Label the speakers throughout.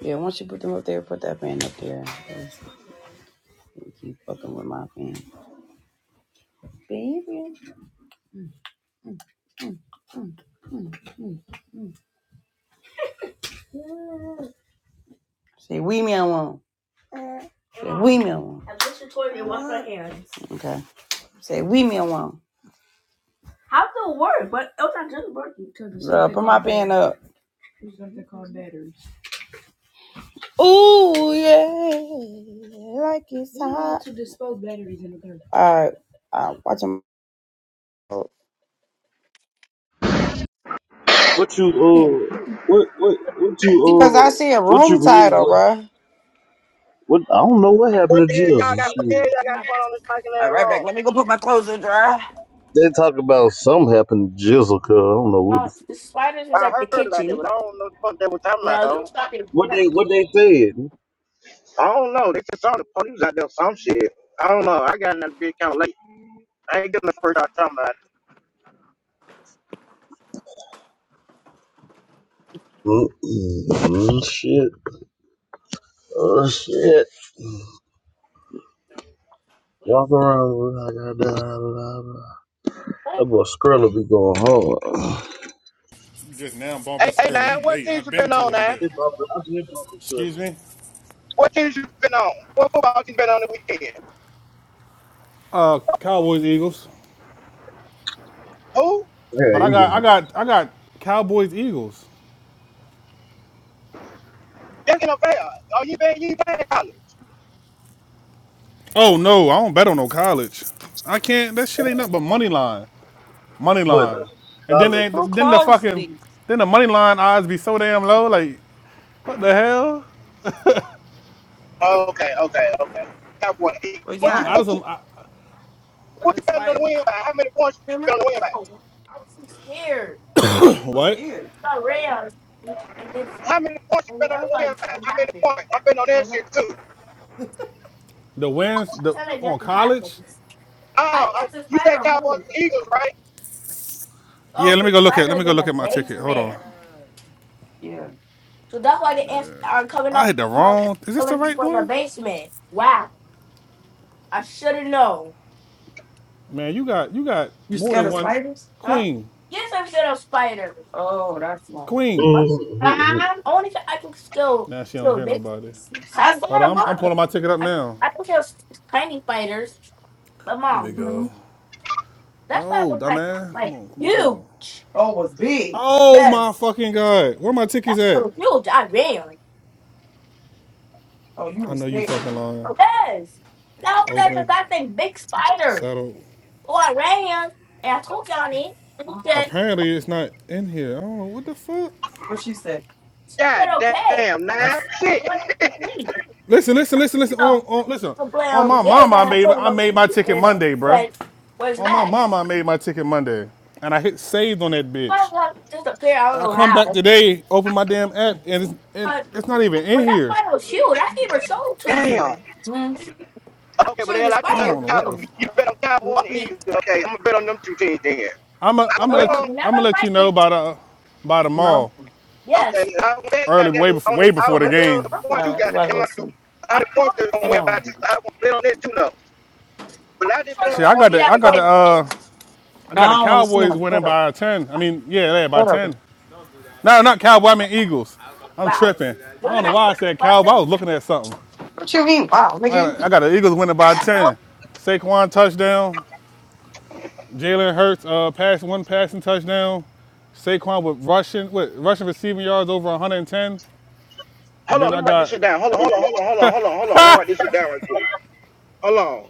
Speaker 1: Yeah, once you put them up there, put that fan up there. Else keep fucking with my fan. Say we me alone. Say we me alone. Okay. Say we me alone. How does it work? But it's not just working to put my fan up. Ooh yeah, like it's hot. to dispose batteries in the car. All right, uh, watch them.
Speaker 2: What you uh what what what you
Speaker 1: Cause I
Speaker 2: uh
Speaker 1: see a
Speaker 2: what you
Speaker 1: room
Speaker 2: mean
Speaker 1: title,
Speaker 2: with
Speaker 1: bro.
Speaker 2: what I don't know what
Speaker 3: What
Speaker 2: happened
Speaker 3: the
Speaker 2: to
Speaker 3: hell y'all
Speaker 2: Jizzle.
Speaker 3: got? What the
Speaker 2: Shit.
Speaker 3: hell y'all got going on this fucking ass
Speaker 1: All right, back.
Speaker 3: wrong?
Speaker 1: Let me go put my clothes in dry.
Speaker 2: They talk about something happened to Jizzle, cause I don't know what
Speaker 1: Uh,
Speaker 2: the, f-
Speaker 1: the spiders is
Speaker 3: I
Speaker 1: like the
Speaker 3: heard about that,
Speaker 1: kitchen.
Speaker 3: but I don't know the fuck they were talking about
Speaker 1: Yeah, you
Speaker 3: though.
Speaker 1: fucking.
Speaker 2: what they what they said.
Speaker 3: I don't know. They just saw the police out there or some shit. I don't know. I got another big count late. I ain't getting the first out talking about it.
Speaker 2: Mm-mm, mm, shit. Oh shit. Walk around blah, blah, blah, blah, blah. That boy Skrilla be going hard.
Speaker 4: You just now bumping
Speaker 3: Hey, hey,
Speaker 4: Skrilla.
Speaker 3: now
Speaker 4: You
Speaker 3: what
Speaker 4: late.
Speaker 3: teams
Speaker 4: I've
Speaker 3: you
Speaker 4: been
Speaker 3: been on,
Speaker 4: told you
Speaker 3: now?
Speaker 4: that.
Speaker 2: They bump it, I did bump it to
Speaker 4: Excuse me?
Speaker 3: What teams you been on? What football team been on the weekend?
Speaker 4: Uh, Cowboys, Eagles.
Speaker 3: Who?
Speaker 2: Yeah,
Speaker 4: But I
Speaker 2: he
Speaker 4: got,
Speaker 2: can
Speaker 4: I got, I got Cowboys, Eagles.
Speaker 3: That's no fair. Oh, you been you ain't been in college?
Speaker 4: Oh no, I don't bet on no college. I can't. That shit ain't nothing but money line, money
Speaker 2: what
Speaker 4: line. And then
Speaker 2: solid.
Speaker 4: they,
Speaker 1: Who
Speaker 4: then the
Speaker 1: closed
Speaker 4: fucking,
Speaker 1: these?
Speaker 4: then the money line odds be so damn low. Like, what the hell?
Speaker 3: Okay, okay, okay. That boy,
Speaker 1: Well,
Speaker 3: what you
Speaker 4: I, I
Speaker 1: yeah.
Speaker 3: what
Speaker 4: just
Speaker 3: you
Speaker 4: I,
Speaker 1: with
Speaker 3: what
Speaker 1: the
Speaker 3: you been on the
Speaker 1: spider.
Speaker 3: win by? How many points you been on the win
Speaker 1: Oh,
Speaker 3: by?
Speaker 1: wow. I was so scared. You were
Speaker 4: What?
Speaker 1: scared. I ran, and and then
Speaker 3: How many points you
Speaker 1: and the
Speaker 3: been on the win
Speaker 1: elephant
Speaker 3: by?
Speaker 1: just
Speaker 3: How many
Speaker 1: happened.
Speaker 3: points? I've been on that
Speaker 1: Well,
Speaker 3: shit too.
Speaker 4: the wins
Speaker 1: I
Speaker 4: the
Speaker 1: tell you,
Speaker 4: on
Speaker 1: nothing
Speaker 4: college.
Speaker 1: happens. I
Speaker 3: Oh,
Speaker 1: think
Speaker 3: uh,
Speaker 1: that's a
Speaker 3: you
Speaker 1: spider
Speaker 3: said
Speaker 1: on
Speaker 3: Cowboys
Speaker 1: home.
Speaker 3: and Eagles, right?
Speaker 4: Yeah,
Speaker 1: Oh,
Speaker 4: let me
Speaker 1: for
Speaker 4: go look at let
Speaker 1: spider in
Speaker 4: me go look
Speaker 1: the
Speaker 4: at my ticket. Hold on.
Speaker 1: basement. Yeah. So that's why the ants are coming
Speaker 4: I
Speaker 1: up,
Speaker 4: hit the
Speaker 1: my,
Speaker 4: wrong is this the
Speaker 1: coming
Speaker 4: right
Speaker 1: from the
Speaker 4: one?
Speaker 1: basement. Wow, I should have known.
Speaker 4: Man, you got you got
Speaker 1: You
Speaker 4: more
Speaker 1: scared
Speaker 4: than
Speaker 1: of
Speaker 4: one
Speaker 1: spiders? Huh?
Speaker 4: queen.
Speaker 1: Yes, I'm scared of spiders.
Speaker 4: Queen.
Speaker 1: Nah.
Speaker 2: Mm-hmm.
Speaker 1: Only if I can still
Speaker 4: Nah, she don't
Speaker 1: still
Speaker 4: hear
Speaker 1: big.
Speaker 4: nobody.
Speaker 1: I
Speaker 4: Hold
Speaker 1: swear I
Speaker 4: on, I'm, I'm
Speaker 1: was.
Speaker 4: pulling my ticket up
Speaker 1: I
Speaker 4: now.
Speaker 1: I can kill s- tiny fighters, but
Speaker 4: Let me
Speaker 1: mom,
Speaker 4: go.
Speaker 1: that's why I
Speaker 4: No,
Speaker 1: was like
Speaker 4: dumbass. Come
Speaker 1: like
Speaker 4: on, come on, come
Speaker 1: you,
Speaker 4: on. Oh my
Speaker 1: yes.
Speaker 4: fucking god. Where my
Speaker 1: That's
Speaker 4: tickets
Speaker 1: why I
Speaker 4: at?
Speaker 1: was huge. I ran. Oh
Speaker 4: I know you
Speaker 1: yeah.
Speaker 4: fucking lying.
Speaker 1: Yes. Now that was that
Speaker 4: Open,
Speaker 1: that thing big spider.
Speaker 4: settled.
Speaker 1: So I ran and I told Johnny and he said
Speaker 4: Apparently it's not in here. I don't know what the fuck.
Speaker 1: what she said.
Speaker 3: God
Speaker 1: said okay.
Speaker 3: damn,
Speaker 4: I
Speaker 3: now
Speaker 4: f-
Speaker 3: shit,
Speaker 1: I went out to sleep.
Speaker 4: listen, listen, listen, listen. On,
Speaker 1: So
Speaker 4: on, listen.
Speaker 1: so play
Speaker 4: On
Speaker 1: on the
Speaker 4: my
Speaker 1: game and
Speaker 4: mama, I
Speaker 1: I
Speaker 4: made
Speaker 1: told him
Speaker 4: I
Speaker 1: okay.
Speaker 4: made
Speaker 1: And
Speaker 4: my
Speaker 1: he
Speaker 4: ticket Monday, bruh.
Speaker 1: said, Where's
Speaker 4: On my
Speaker 1: that?
Speaker 4: mama, I made my ticket Monday, and I hit saved on that bitch.
Speaker 1: But like, disappear. I don't
Speaker 4: And I
Speaker 1: know
Speaker 4: come back
Speaker 1: how.
Speaker 4: today, open my damn app, and it's, and
Speaker 1: But
Speaker 4: it's not even in
Speaker 1: but that
Speaker 4: here.
Speaker 1: final shield, I gave her soul to
Speaker 3: damn.
Speaker 1: you. mm I'm
Speaker 3: Okay, but
Speaker 1: sure the
Speaker 3: hell, I
Speaker 4: I
Speaker 3: just bet on
Speaker 1: spider
Speaker 4: don't know
Speaker 3: Cow.
Speaker 4: what the.
Speaker 1: will
Speaker 4: F-
Speaker 3: You bet on Cowboys
Speaker 1: want
Speaker 3: and
Speaker 1: me.
Speaker 3: Eagles. Okay, I'm gonna bet on them two teams then. i
Speaker 4: I'm a, I'm gonna
Speaker 3: gonna
Speaker 1: No
Speaker 3: bet
Speaker 4: let
Speaker 1: more.
Speaker 3: on.
Speaker 4: you I'm
Speaker 1: Never
Speaker 4: gonna let you
Speaker 1: like
Speaker 4: know
Speaker 1: it.
Speaker 4: by the by tomorrow,
Speaker 1: Yes.
Speaker 3: Okay, I would bet
Speaker 4: early
Speaker 3: goddamn
Speaker 4: way
Speaker 3: it,
Speaker 4: before
Speaker 3: on the.
Speaker 4: way
Speaker 3: I
Speaker 1: Oh,
Speaker 4: before
Speaker 3: was
Speaker 4: the
Speaker 3: gonna
Speaker 1: where's
Speaker 3: bet on
Speaker 4: game.
Speaker 3: the point
Speaker 1: Alright,
Speaker 3: too. Goddamn, I knew-
Speaker 1: come
Speaker 3: I the point
Speaker 1: on.
Speaker 3: they're gonna win by two. I was gonna bet on that too though. But
Speaker 1: I'm
Speaker 3: I just
Speaker 1: sure
Speaker 3: bet on the
Speaker 1: you
Speaker 4: See, I
Speaker 1: want to
Speaker 3: point
Speaker 4: got
Speaker 1: see
Speaker 3: to
Speaker 4: the
Speaker 3: win
Speaker 1: that
Speaker 4: I
Speaker 3: it
Speaker 4: got
Speaker 3: though.
Speaker 4: the
Speaker 1: spider.
Speaker 4: uh I got the Cowboys winning by ten. I mean, yeah, yeah, by ten. No, not Cowboys. I mean Eagles. I'm
Speaker 1: Wow.
Speaker 4: tripping. I
Speaker 1: Women
Speaker 4: don't know
Speaker 1: are
Speaker 4: why
Speaker 1: good
Speaker 4: I said Cowboys. I was
Speaker 1: spiders.
Speaker 4: looking at something.
Speaker 1: What you mean? Wow,
Speaker 4: I
Speaker 1: nigga,
Speaker 4: got
Speaker 1: you
Speaker 4: I got the Eagles winning by
Speaker 1: No.
Speaker 4: ten. Saquon touchdown. Jalen Hurts uh, passed one passing touchdown. Saquon with rushing, what, rushing receiving yards over 110.
Speaker 3: Hold
Speaker 4: And
Speaker 3: on,
Speaker 4: then
Speaker 3: let
Speaker 4: I
Speaker 3: me write this
Speaker 4: got,
Speaker 3: shit down. Hold on, hold on, hold on, hold on, hold on, hold on. Let me write this shit down right quick. Hold on.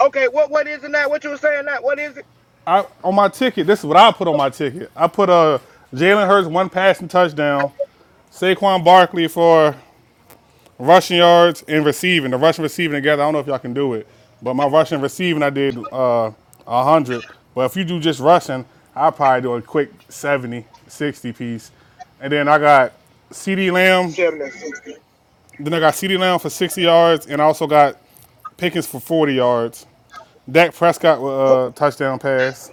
Speaker 3: Okay, what what is it now? What you were saying now? What is it?
Speaker 4: I, on my ticket, this is what I put on my ticket. I put uh, Jalen Hurts one passing touchdown, Saquon Barkley for rushing yards and receiving. The rushing receiving together, I don't know if y'all can do it. But my rushing receiving, I did uh, 100. But if you do just rushing, I'll probably do a quick 70, 60 piece. And then I got CD Lamb
Speaker 3: Seven and sixty.
Speaker 4: Then I got Ceedee Lamb for 60 yards, and I also got Pickens for 40 yards. Dak Prescott with
Speaker 3: Who,
Speaker 4: a touchdown pass.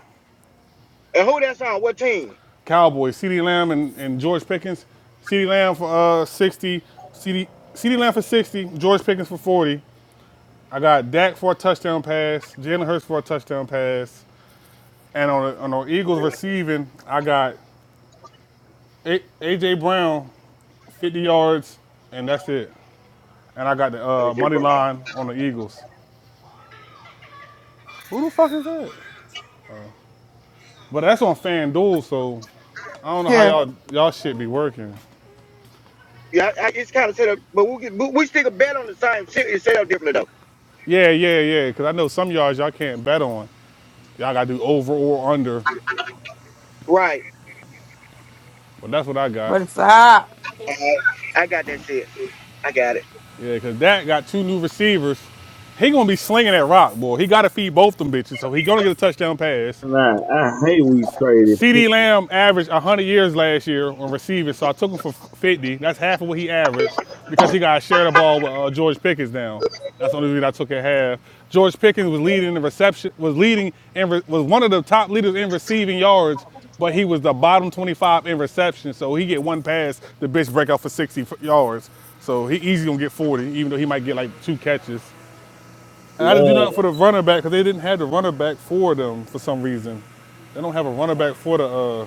Speaker 3: and who that's on? What team?
Speaker 4: Cowboys, Ceedee Lamb and, and George Pickens. Ceedee Lamb for uh, 60. Ceedee Lamb for 60, George Pickens for 40. I got Dak for a touchdown pass, Jalen Hurts for a touchdown pass. And on the, on the Eagles receiving, I got a- A.J. Brown, 50 yards, and that's it. And I got the uh,
Speaker 3: Thank you,
Speaker 4: money
Speaker 3: bro.
Speaker 4: line on the Eagles. Who the fuck is that? But that's on FanDuel, so I don't know how
Speaker 1: here.
Speaker 4: y'all y'all shit be working.
Speaker 3: Yeah, I, I, it's kind of set up, but we get, we stick a bet on the same shit. It's set up differently though.
Speaker 4: Yeah, yeah, yeah. Cause I know some yards y'all can't bet on. Y'all gotta do over or under.
Speaker 3: Right.
Speaker 4: But that's what I got.
Speaker 1: But it's up.
Speaker 3: Alright. I got that shit. I got it.
Speaker 4: Yeah, cause that got two new receivers. He gonna be slinging that rock, boy. He gotta feed both them bitches, so he gonna get a touchdown pass.
Speaker 2: Man, I hate we pray this
Speaker 4: CD Lamb averaged 100 years last year on receiving, so I took him for 50. That's half of what he averaged because he got to share the ball with uh, George Pickens now. That's the only reason I took at half. George Pickens was leading the reception, was leading and re- was one of the top leaders in receiving yards, but he was the bottom 25 in reception. So he get one pass, the bitch break out for 60 yards. So he easy gonna get 40, even though he might get like two catches. And I didn't do
Speaker 2: man.
Speaker 4: nothing for the running back because they didn't have the running back for them for some reason. They don't have a running back for the uh,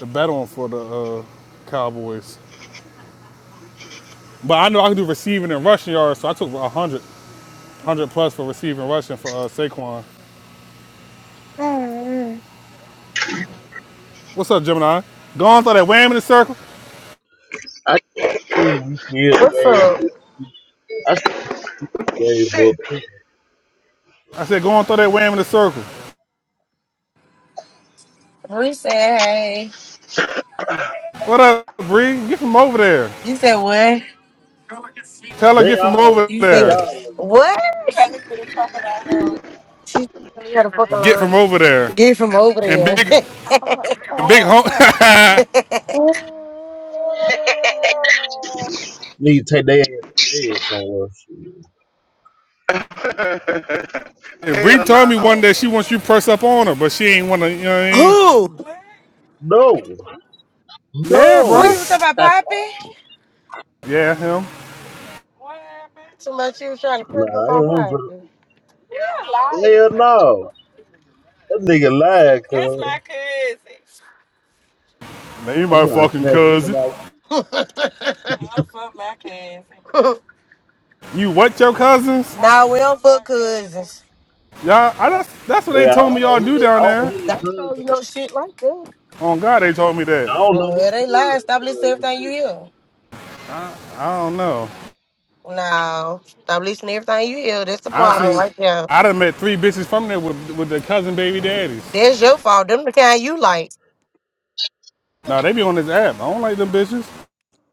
Speaker 4: the bet on for the uh, Cowboys. But I know I can do receiving and rushing yards, so I took 100, 100 plus for receiving rushing for uh, Saquon. What's up, Gemini? Go on throw that wham in the circle.
Speaker 2: I. Mm, Yeah,
Speaker 5: What's
Speaker 2: gave
Speaker 5: up?
Speaker 2: I still gave
Speaker 3: Shit.
Speaker 2: up.
Speaker 4: I said, go on throw that wham in the circle.
Speaker 5: We said hey.
Speaker 4: What up, Bree? Get from over there.
Speaker 5: You said what?
Speaker 4: Tell her
Speaker 2: They
Speaker 4: get from
Speaker 2: all,
Speaker 4: over
Speaker 5: You said
Speaker 2: they
Speaker 4: there.
Speaker 5: g-
Speaker 2: all
Speaker 5: what? She said you really had a fucking
Speaker 4: Get from
Speaker 5: line.
Speaker 4: over there.
Speaker 5: Get from over
Speaker 4: And
Speaker 5: there.
Speaker 4: big,
Speaker 1: i
Speaker 4: big home. yeah,
Speaker 2: need to take their ass to bed somewhere.
Speaker 3: Hell
Speaker 4: Bree told me one
Speaker 3: no.
Speaker 4: day she wants you to press up on her, but she ain't want to. You know what I mean?
Speaker 5: Who?
Speaker 2: No,
Speaker 4: Yeah,
Speaker 5: Who
Speaker 4: bro.
Speaker 5: you
Speaker 2: no.
Speaker 5: was talking about,
Speaker 2: nah, I ain't
Speaker 5: Poppy?
Speaker 4: Yeah, him.
Speaker 5: So much you was trying to press up on
Speaker 2: want to.
Speaker 5: Poppy. You're my
Speaker 2: Hell no. That nigga lied, cuz.
Speaker 5: my cousin.
Speaker 4: Now you
Speaker 2: I'm
Speaker 4: my
Speaker 2: trying to
Speaker 4: fucking
Speaker 2: snatch him
Speaker 4: cousin.
Speaker 2: out.
Speaker 5: I don't fuck my cousin.
Speaker 4: You what, your cousins?
Speaker 5: Nah, we don't fuck cousins.
Speaker 4: Y'all, I, that's, that's what they
Speaker 2: Yeah, I
Speaker 4: told
Speaker 2: don't
Speaker 4: me
Speaker 2: know
Speaker 4: y'all
Speaker 2: who
Speaker 4: do
Speaker 2: they, I
Speaker 4: down
Speaker 2: don't know
Speaker 4: there.
Speaker 2: who they
Speaker 5: Don't
Speaker 2: cuz.
Speaker 5: show you
Speaker 2: is.
Speaker 5: no shit like that.
Speaker 4: On God, they told me that.
Speaker 2: I don't know
Speaker 5: Well,
Speaker 2: who
Speaker 5: it
Speaker 2: cuz.
Speaker 5: ain't
Speaker 2: is.
Speaker 5: lying. Stop listening to everything you hear.
Speaker 4: I don't know.
Speaker 5: No, stop listening to everything you hear. That's the
Speaker 4: I
Speaker 5: problem
Speaker 4: seen,
Speaker 5: right there.
Speaker 4: I done met three bitches from there with, with their cousin baby daddies.
Speaker 5: That's your fault. Them the kind you like.
Speaker 4: Now they be on this app. I don't like them bitches.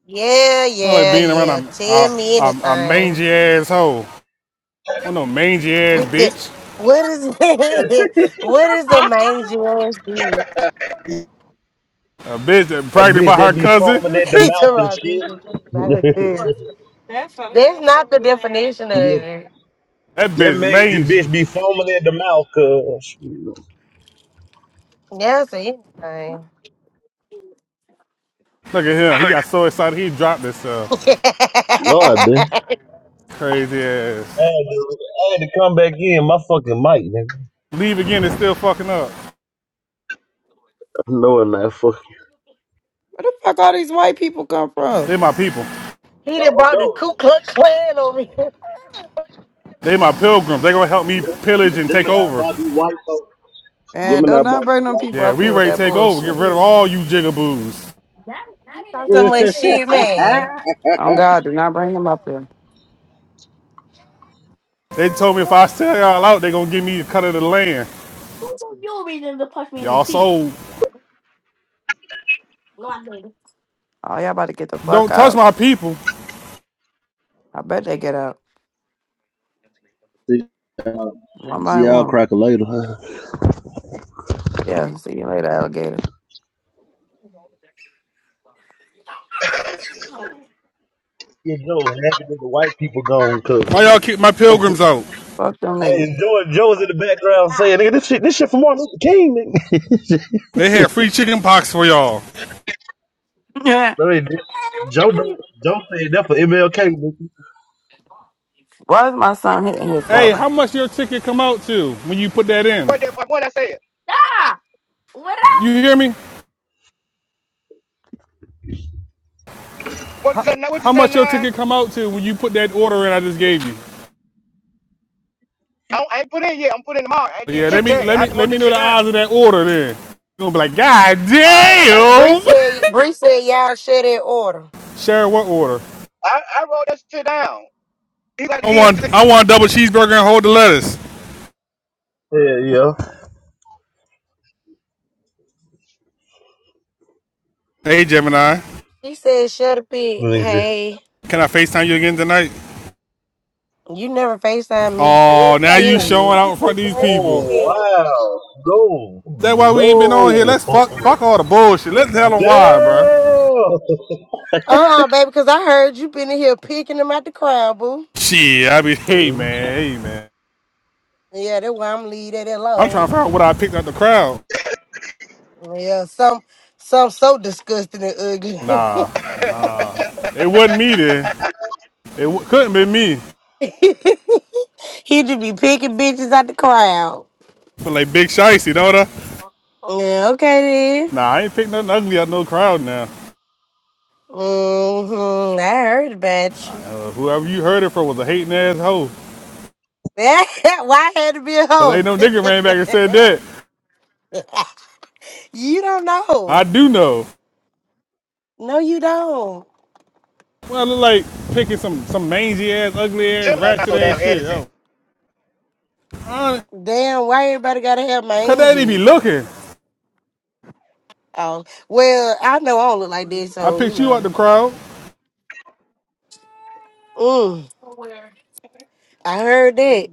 Speaker 5: Yeah,
Speaker 4: I don't like
Speaker 5: yeah,
Speaker 4: being around
Speaker 5: yeah.
Speaker 4: a, a,
Speaker 5: Tell me
Speaker 4: a, a
Speaker 5: anything.
Speaker 4: mangy asshole. I don't know mangy ass
Speaker 5: what is
Speaker 4: bitch.
Speaker 5: what is the mangy ass bitch?
Speaker 4: A bitch that
Speaker 2: A
Speaker 4: pregnant
Speaker 2: bitch
Speaker 4: by
Speaker 2: that
Speaker 4: her
Speaker 2: be
Speaker 4: cousin.
Speaker 2: foaming at the
Speaker 5: It's
Speaker 2: mouth and
Speaker 5: about
Speaker 2: shit.
Speaker 5: people talking about her cousin. That's a- That's not the definition of it.
Speaker 4: That
Speaker 2: that
Speaker 4: bitch
Speaker 2: made the
Speaker 4: mangy.
Speaker 2: bitch be foaming at the mouth, cuz.
Speaker 5: Yeah, That's anything.
Speaker 4: Look at him. He got so excited he dropped himself.
Speaker 2: No, I did.
Speaker 4: Crazy
Speaker 2: I
Speaker 4: ass.
Speaker 2: had to, I had to come back in. My fucking mic, nigga.
Speaker 4: Leave again and still fucking up.
Speaker 2: No, I'm Knowing that fucking.
Speaker 1: Where the fuck all these white people come from?
Speaker 4: They my people.
Speaker 5: he done
Speaker 2: Oh
Speaker 5: brought the Ku Klux Klan over here.
Speaker 4: They my pilgrims. They gonna help
Speaker 2: no.
Speaker 4: me
Speaker 2: Yeah, yeah,
Speaker 4: pillage and take
Speaker 2: Gemini
Speaker 4: over.
Speaker 2: Bobby White though.
Speaker 1: And
Speaker 2: Gemini
Speaker 1: don't not bring
Speaker 2: Bobby
Speaker 1: them people
Speaker 4: Yeah,
Speaker 1: up
Speaker 4: we
Speaker 1: here with
Speaker 4: ready to
Speaker 1: that
Speaker 4: take over, get
Speaker 1: bullshit.
Speaker 4: rid of all you jigaboos.
Speaker 5: He
Speaker 2: White.
Speaker 5: talk so much shit, man.
Speaker 1: Oh God, do not bring them up here.
Speaker 4: They told me if I sell y'all out, they gonna give me a cut of the land.
Speaker 1: Oh, y'all
Speaker 4: Y'all sold.
Speaker 1: about to get the fuck
Speaker 4: Don't touch
Speaker 1: out.
Speaker 4: my people.
Speaker 1: I bet they get out.
Speaker 2: see,
Speaker 1: One
Speaker 2: see
Speaker 1: by
Speaker 2: y'all
Speaker 1: one.
Speaker 2: crack a later, huh?
Speaker 1: Yeah, see you later, alligator.
Speaker 2: Yeah, Joe, happy that the white people gone, cuz.
Speaker 4: Why y'all kick my pilgrims out?
Speaker 1: Fuck them niggas.
Speaker 2: Hey, Joe, Joe's in the background saying, nigga, this shit, this shit from Martin Luther King,
Speaker 4: They had free chicken pox for y'all.
Speaker 1: Yeah.
Speaker 2: nigga. I mean, Joe, Joe said that for MLK, nigga.
Speaker 1: Why is my son hitting his
Speaker 4: Hey,
Speaker 1: brother?
Speaker 4: how much your ticket come out to when you put that in?
Speaker 3: What the fuck? What I said?
Speaker 4: You hear me?
Speaker 3: What you said? Now what you
Speaker 4: How
Speaker 3: said?
Speaker 4: much
Speaker 3: Now
Speaker 4: your
Speaker 3: I,
Speaker 4: ticket come out to when you put that order in I just gave you?
Speaker 3: don't- I ain't put in yet. I'm putting in tomorrow. I ain't
Speaker 4: Yeah,
Speaker 3: did
Speaker 4: let
Speaker 3: shit
Speaker 4: me
Speaker 3: yet.
Speaker 4: let
Speaker 3: I
Speaker 4: me
Speaker 3: just
Speaker 4: let
Speaker 3: wrote
Speaker 4: me
Speaker 3: this
Speaker 4: know
Speaker 3: shit
Speaker 4: the
Speaker 3: down.
Speaker 4: odds of that order then. you gonna be like, God
Speaker 3: Alright, I got. You.
Speaker 5: Bree
Speaker 4: damn!
Speaker 5: said, Bree said, y'all shut that order.
Speaker 4: Sharon, what order?
Speaker 3: I I wrote that shit down. He got to
Speaker 4: I
Speaker 3: give it
Speaker 4: want
Speaker 3: to
Speaker 4: I
Speaker 3: you.
Speaker 4: want a double cheeseburger and hold the lettuce.
Speaker 2: Yeah, yeah.
Speaker 4: Hey Gemini.
Speaker 5: She said, shut up, pig.
Speaker 2: Let me see.
Speaker 5: Hey.
Speaker 4: Can I FaceTime you again tonight?
Speaker 5: You never FaceTime me. He
Speaker 4: Oh, now you
Speaker 5: played Period.
Speaker 4: showing out in front of
Speaker 5: perfect
Speaker 4: these people.
Speaker 2: Oh
Speaker 5: man.
Speaker 2: wow. No,
Speaker 4: That's why we ain't been on here. Let's
Speaker 2: no.
Speaker 4: fuck, fuck all the bullshit. Let's tell them why, bro.
Speaker 2: Damn!
Speaker 5: Uh uh baby, because I heard you been in here picking them out the crowd, boo.
Speaker 4: Shit, I be, hey man, hey man.
Speaker 5: Yeah, that's why I'm leaving that
Speaker 4: I'm trying
Speaker 5: alone.
Speaker 4: to figure out what I picked out the crowd.
Speaker 5: Yeah, some some so disgusting and ugly.
Speaker 4: Nah, it wasn't me then. It w- couldn't be me.
Speaker 5: he just be picking bitches out the crowd.
Speaker 4: Feel like big shicey, don't I?
Speaker 5: Yeah, okay then.
Speaker 4: Nah, I ain't picked nothing ugly out no crowd now.
Speaker 5: Mm-hmm. I heard about you.
Speaker 4: Uh, whoever you heard it from was a hating ass hoe.
Speaker 5: why I had to be a
Speaker 4: Cause ain't
Speaker 5: hoe?
Speaker 4: no nigga ran back and said that.
Speaker 5: you don't
Speaker 4: I
Speaker 5: know.
Speaker 4: do know.
Speaker 5: No, you don't.
Speaker 4: Well, I look like picking some some mangy ass, ugly ass,
Speaker 3: Gemini's not
Speaker 4: ratchet
Speaker 3: so damn
Speaker 4: ass shit.
Speaker 3: innocent.
Speaker 4: Oh. Honest,
Speaker 5: Damn, why everybody gotta have my
Speaker 4: Cause they didn't be
Speaker 5: angels?
Speaker 4: looking.
Speaker 5: Oh, well, I know I don't look like this,
Speaker 4: I
Speaker 5: so you
Speaker 4: picked you out
Speaker 5: know.
Speaker 4: the crowd.
Speaker 5: Mm, I heard that.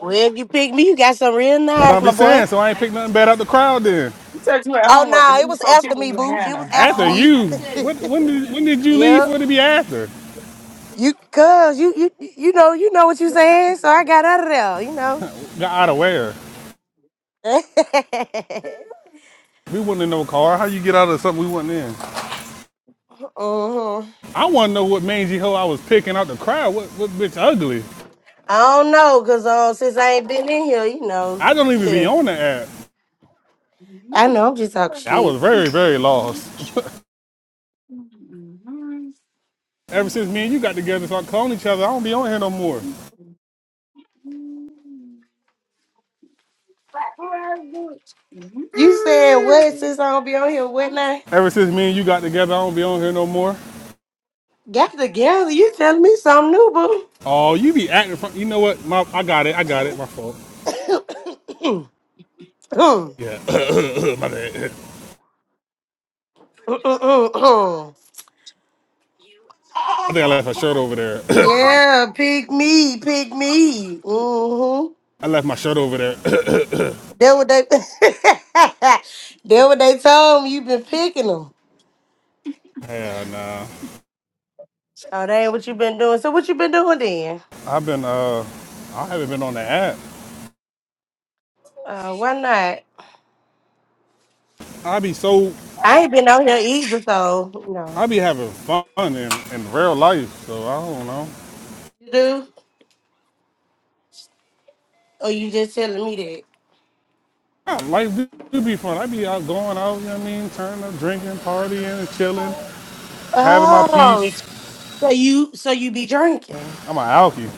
Speaker 5: Well, if you pick me, you got some real
Speaker 4: I
Speaker 5: nice,
Speaker 4: don't
Speaker 5: my
Speaker 4: be
Speaker 5: boy.
Speaker 4: saying, so I ain't picked nothing bad out the crowd then.
Speaker 1: He said you at
Speaker 5: Oh
Speaker 1: home.
Speaker 5: no, it was after me, boo. It was
Speaker 1: Hannah.
Speaker 5: after
Speaker 4: After
Speaker 1: Oh,
Speaker 5: me.
Speaker 1: I
Speaker 4: you, what, when did
Speaker 1: did.
Speaker 4: when did you leave
Speaker 5: yep.
Speaker 4: for it to be after?
Speaker 5: You cuz you you you know, you know what you saying, so I got out of there, you know.
Speaker 4: Got out of where? We wasn't in no car. How you get out of something we wasn't in?
Speaker 5: mm-hmm.
Speaker 4: I wanna know what mangy hoe I was picking out the crowd. What what bitch ugly?
Speaker 5: I don't know, cause uh, since I ain't been in here, you know.
Speaker 4: I don't even be on the app.
Speaker 5: I know I'm just talking
Speaker 4: I was
Speaker 5: shit.
Speaker 4: very, very lost. Ever since me and you got together, so I cloned each other, I don't be on here no more.
Speaker 5: You said what since I don't be on here? What now?
Speaker 4: Ever since me and you got together, I don't be on here no more.
Speaker 5: Got together. You telling me something new, boo?
Speaker 4: Oh, you be acting. From, you know what? My, I got it. I got it. My fault. Yeah, my bad. I think I left my shirt over there.
Speaker 5: yeah, pick me, pick me. Mm-hmm.
Speaker 4: I left my shirt over there.
Speaker 5: That what they. that what they told me. You been picking them.
Speaker 4: Hell nah.
Speaker 5: Oh, that ain't what you been doing. So what you been doing then?
Speaker 4: I've been uh, I haven't been on the app.
Speaker 5: Uh, why not?
Speaker 4: I be so,
Speaker 5: I ain't been out here either, so you know.
Speaker 4: I be having fun in, in real life. So I don't know.
Speaker 5: You do? Or you just telling me that?
Speaker 4: Yeah, life do, do be fun. I be out going out. You know what I mean? Turning up, drinking, partying, and chilling, having my
Speaker 5: Oh,
Speaker 4: peace.
Speaker 5: so you so you be drinking?
Speaker 4: I'm a alky.